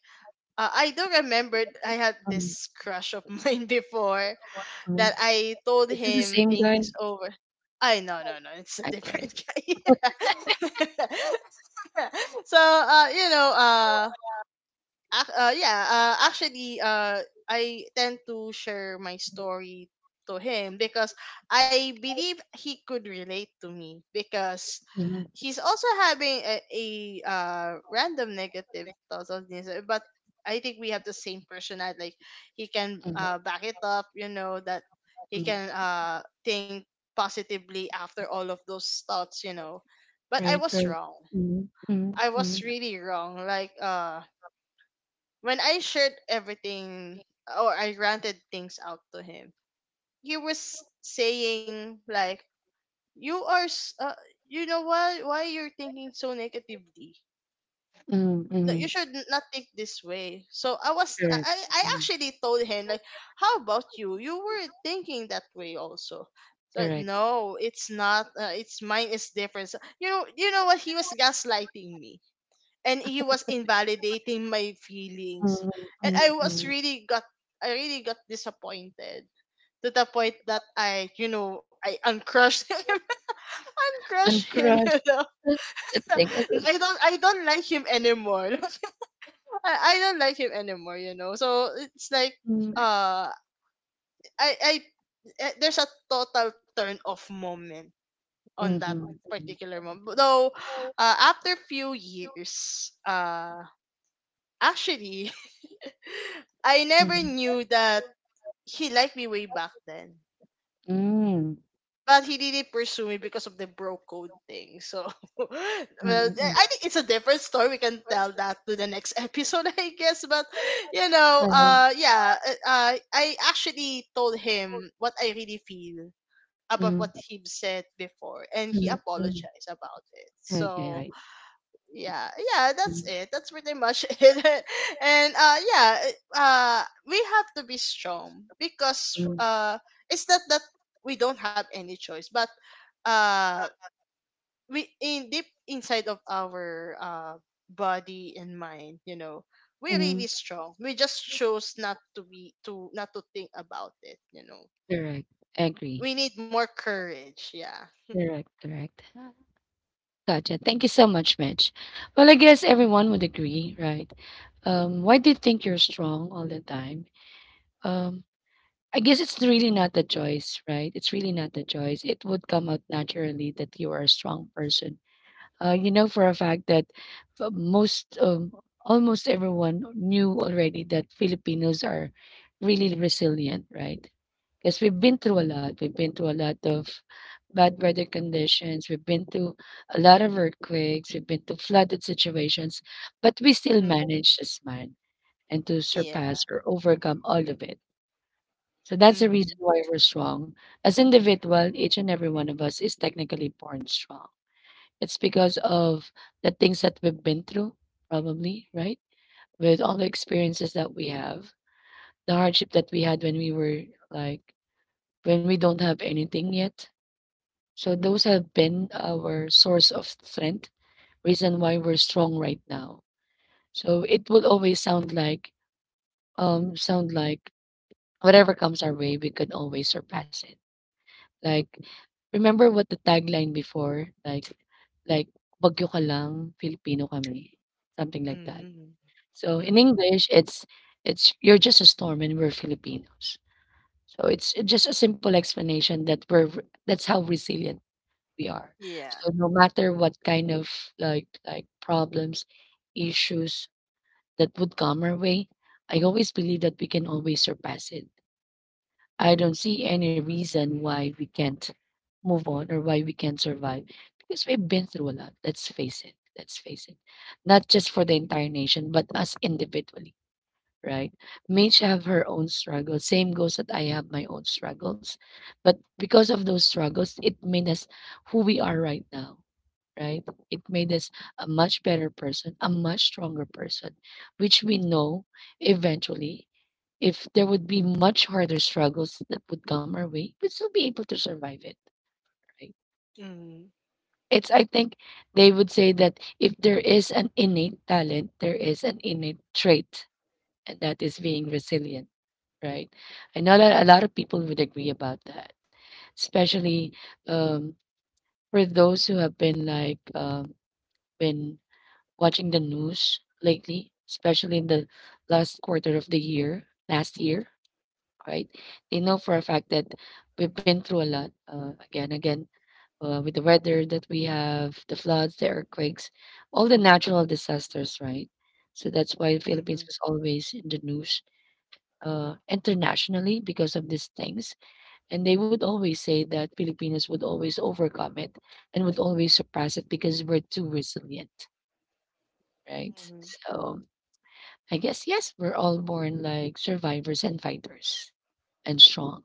B: I do remember I had this crush of mine before,
A: mhm.
B: that I told
A: Is this the
B: him
A: same guy?
B: things over. I No, no, no, it's a different guy. So you know, yeah, actually, I tend to share my story to him, because I believe he could relate to me, because
A: Mhm,
B: he's also having a random negative thoughts on this, but I think we have the same personality. Like he can back it up, you know, that he
A: mhm.
B: can think positively after all of those thoughts, you know. But I
A: Right,
B: was
A: right.
B: wrong.
A: Mhm, mhm,
B: I was
A: mhm,
B: really wrong. Like when I shared everything, or I ranted things out to him, he was saying like, "You are, you know, why you're thinking so negatively?
A: mhm,
B: No, you
A: mhm.
B: should not think this way." So I was, I
A: Correct.
B: I I
A: Mhm.
B: actually told him like, "How about you? You were thinking that way also." So
A: Correct.
B: no, it's not. It's mine is different. So, you know, you know what, he was gaslighting me and he was invalidating my
A: Mhm,
B: feelings.
A: mhm,
B: And I
A: mhm.
B: was really got, I really got disappointed, to the point that I, you know, I uncrushed him. Uncrushed him, you
A: Uncrushed,
B: know.
A: thing. Think. Is it?
B: I don't, I don't like him anymore. I don't like him anymore, you know. So it's like uh I there's a total turn off moment on that
A: Mhm,
B: particular moment. Though, after few years, actually, I never
A: mhm,
B: knew that he liked me way back then.
A: mm,
B: But he didn't pursue me because of the bro code thing. So, well,
A: mhm, mhm,
B: I think it's a different story. We can tell that to the next episode, I guess. But, you know,
A: Uh,
B: I actually told him what I really feel about what
A: mhm,
B: he said before, and he
A: mhm,
B: apologized about it.
A: okay,
B: So,
A: I
B: yeah.
A: see.
B: That's it. That's pretty much it. And yeah, we have to be strong, because
A: Mhm,
B: it's not that we don't have any choice, but uh we in deep inside of our body and mind, you know, we're
A: mhm.
B: really strong. We just chose not to be, to not to think about it, you know.
A: Correct. Agree.
B: We need more courage. Yeah.
A: Correct, correct. Gotcha. Thank you so much, Mitch. Well, I guess everyone would agree, right? Why do you think you're strong all the time? Um, I guess it's really not the choice, right? It's really not the choice. It would come out naturally that you are a strong person. You know for a fact that uh, most, um, almost everyone knew already that Filipinos are really resilient, right? Because we've been through a lot. We've been through a lot of bad weather conditions. We've been through a lot of earthquakes. We've been through flooded situations, but we still
B: Hmm.
A: manage to smile and to
B: Yeah.
A: surpass or overcome all of it. So that's the reason
B: Hmm.
A: why we're strong. As individual, each and every one of us is technically born strong. It's because of the things that we've been through, probably, right? With all the experiences that we have, the hardship that we had when we were like, when we don't have anything yet. So those have been our source of strength, reason why we're strong right now. So it will always sound like whatever comes our way, we can always surpass it. Like, remember what the tagline before, like, bagyo ka lang, Filipino kami. Something like that.
B: Hmm.
A: So in
B: Hmm.
A: English, it's "You're just a storm and we're Filipinos." So it's just a simple explanation that we're v that's how resilient we are.
B: Yeah.
A: So no matter what kind of, like, problems, issues that would come our way, I always believe that we can always surpass it. I don't see any reason why we can't move on or why we can't survive because we've been through a lot, let's face it, let's face it. Not just for the entire nation, but us individually, right? We each have her own struggles. Same goes that I have my own struggles. But because of those struggles, it made us who we are right now, right? It made us a much better person, a much stronger person, which we know eventually, if there would be much harder struggles that would come our way, we'd still be able to survive it, right?
B: Hmm.
A: It's, I think they would say that if there is an innate talent, there is an innate trait, and that is being resilient, right? I know that a lot of people would agree about that, especially um, for those who have been been watching the news lately, especially in the last quarter of the year, last year, right? They know for a fact that we've been through a lot, again, again. With the weather that we have, the floods, the earthquakes, all the natural disasters, right? So that's why the Philippines was always in the news internationally because of these things. And they would always say that Filipinos would always overcome it and would always surpass it because we're too resilient, right?
B: Hmm.
A: So I guess, yes, we're all born like survivors and fighters and strong.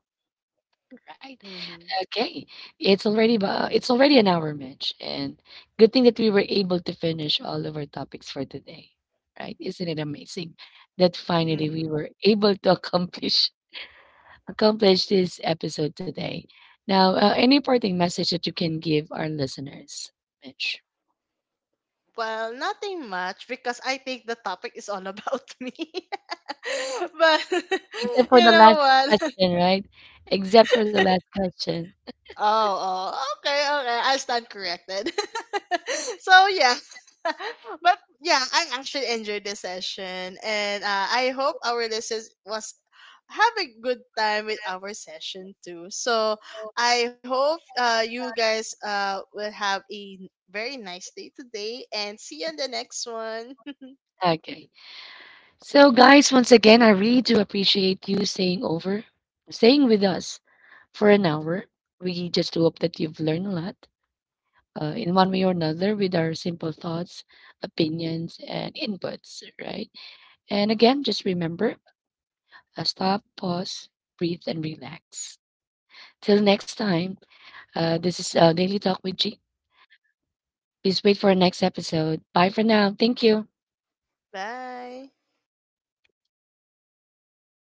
A: Right.
B: Hmm.
A: Okay. It's already it's already an hour, Mitch, and good thing that we were able to finish all of our topics for today. Right? Isn't it amazing that finally
B: Hmm.
A: we were able to accomplish this episode today. Now, any parting message that you can give our listeners, Mitch?
B: Well, nothing much, because I think the topic is all about me. But
A: Except for
B: you
A: the
B: know
A: last
B: what?
A: question, right? Except for the last question.
B: Oh, oh, okay, okay. I stand corrected. So yeah, but yeah, I actually enjoyed the session, and I hope our listeners was have a good time with our session too. So I hope, you guys will have a very nice day today, and see you on the next one.
A: Okay. So, guys, once again, I really do appreciate you staying over, staying with us for an hour. We just hope that you've learned a lot, in one way or another with our simple thoughts, opinions, and inputs, right? And again, just remember, stop, pause, breathe, and relax. Till next time, this is Daily Talk with G. Please wait for our next episode. Bye for now. Thank you.
B: Bye.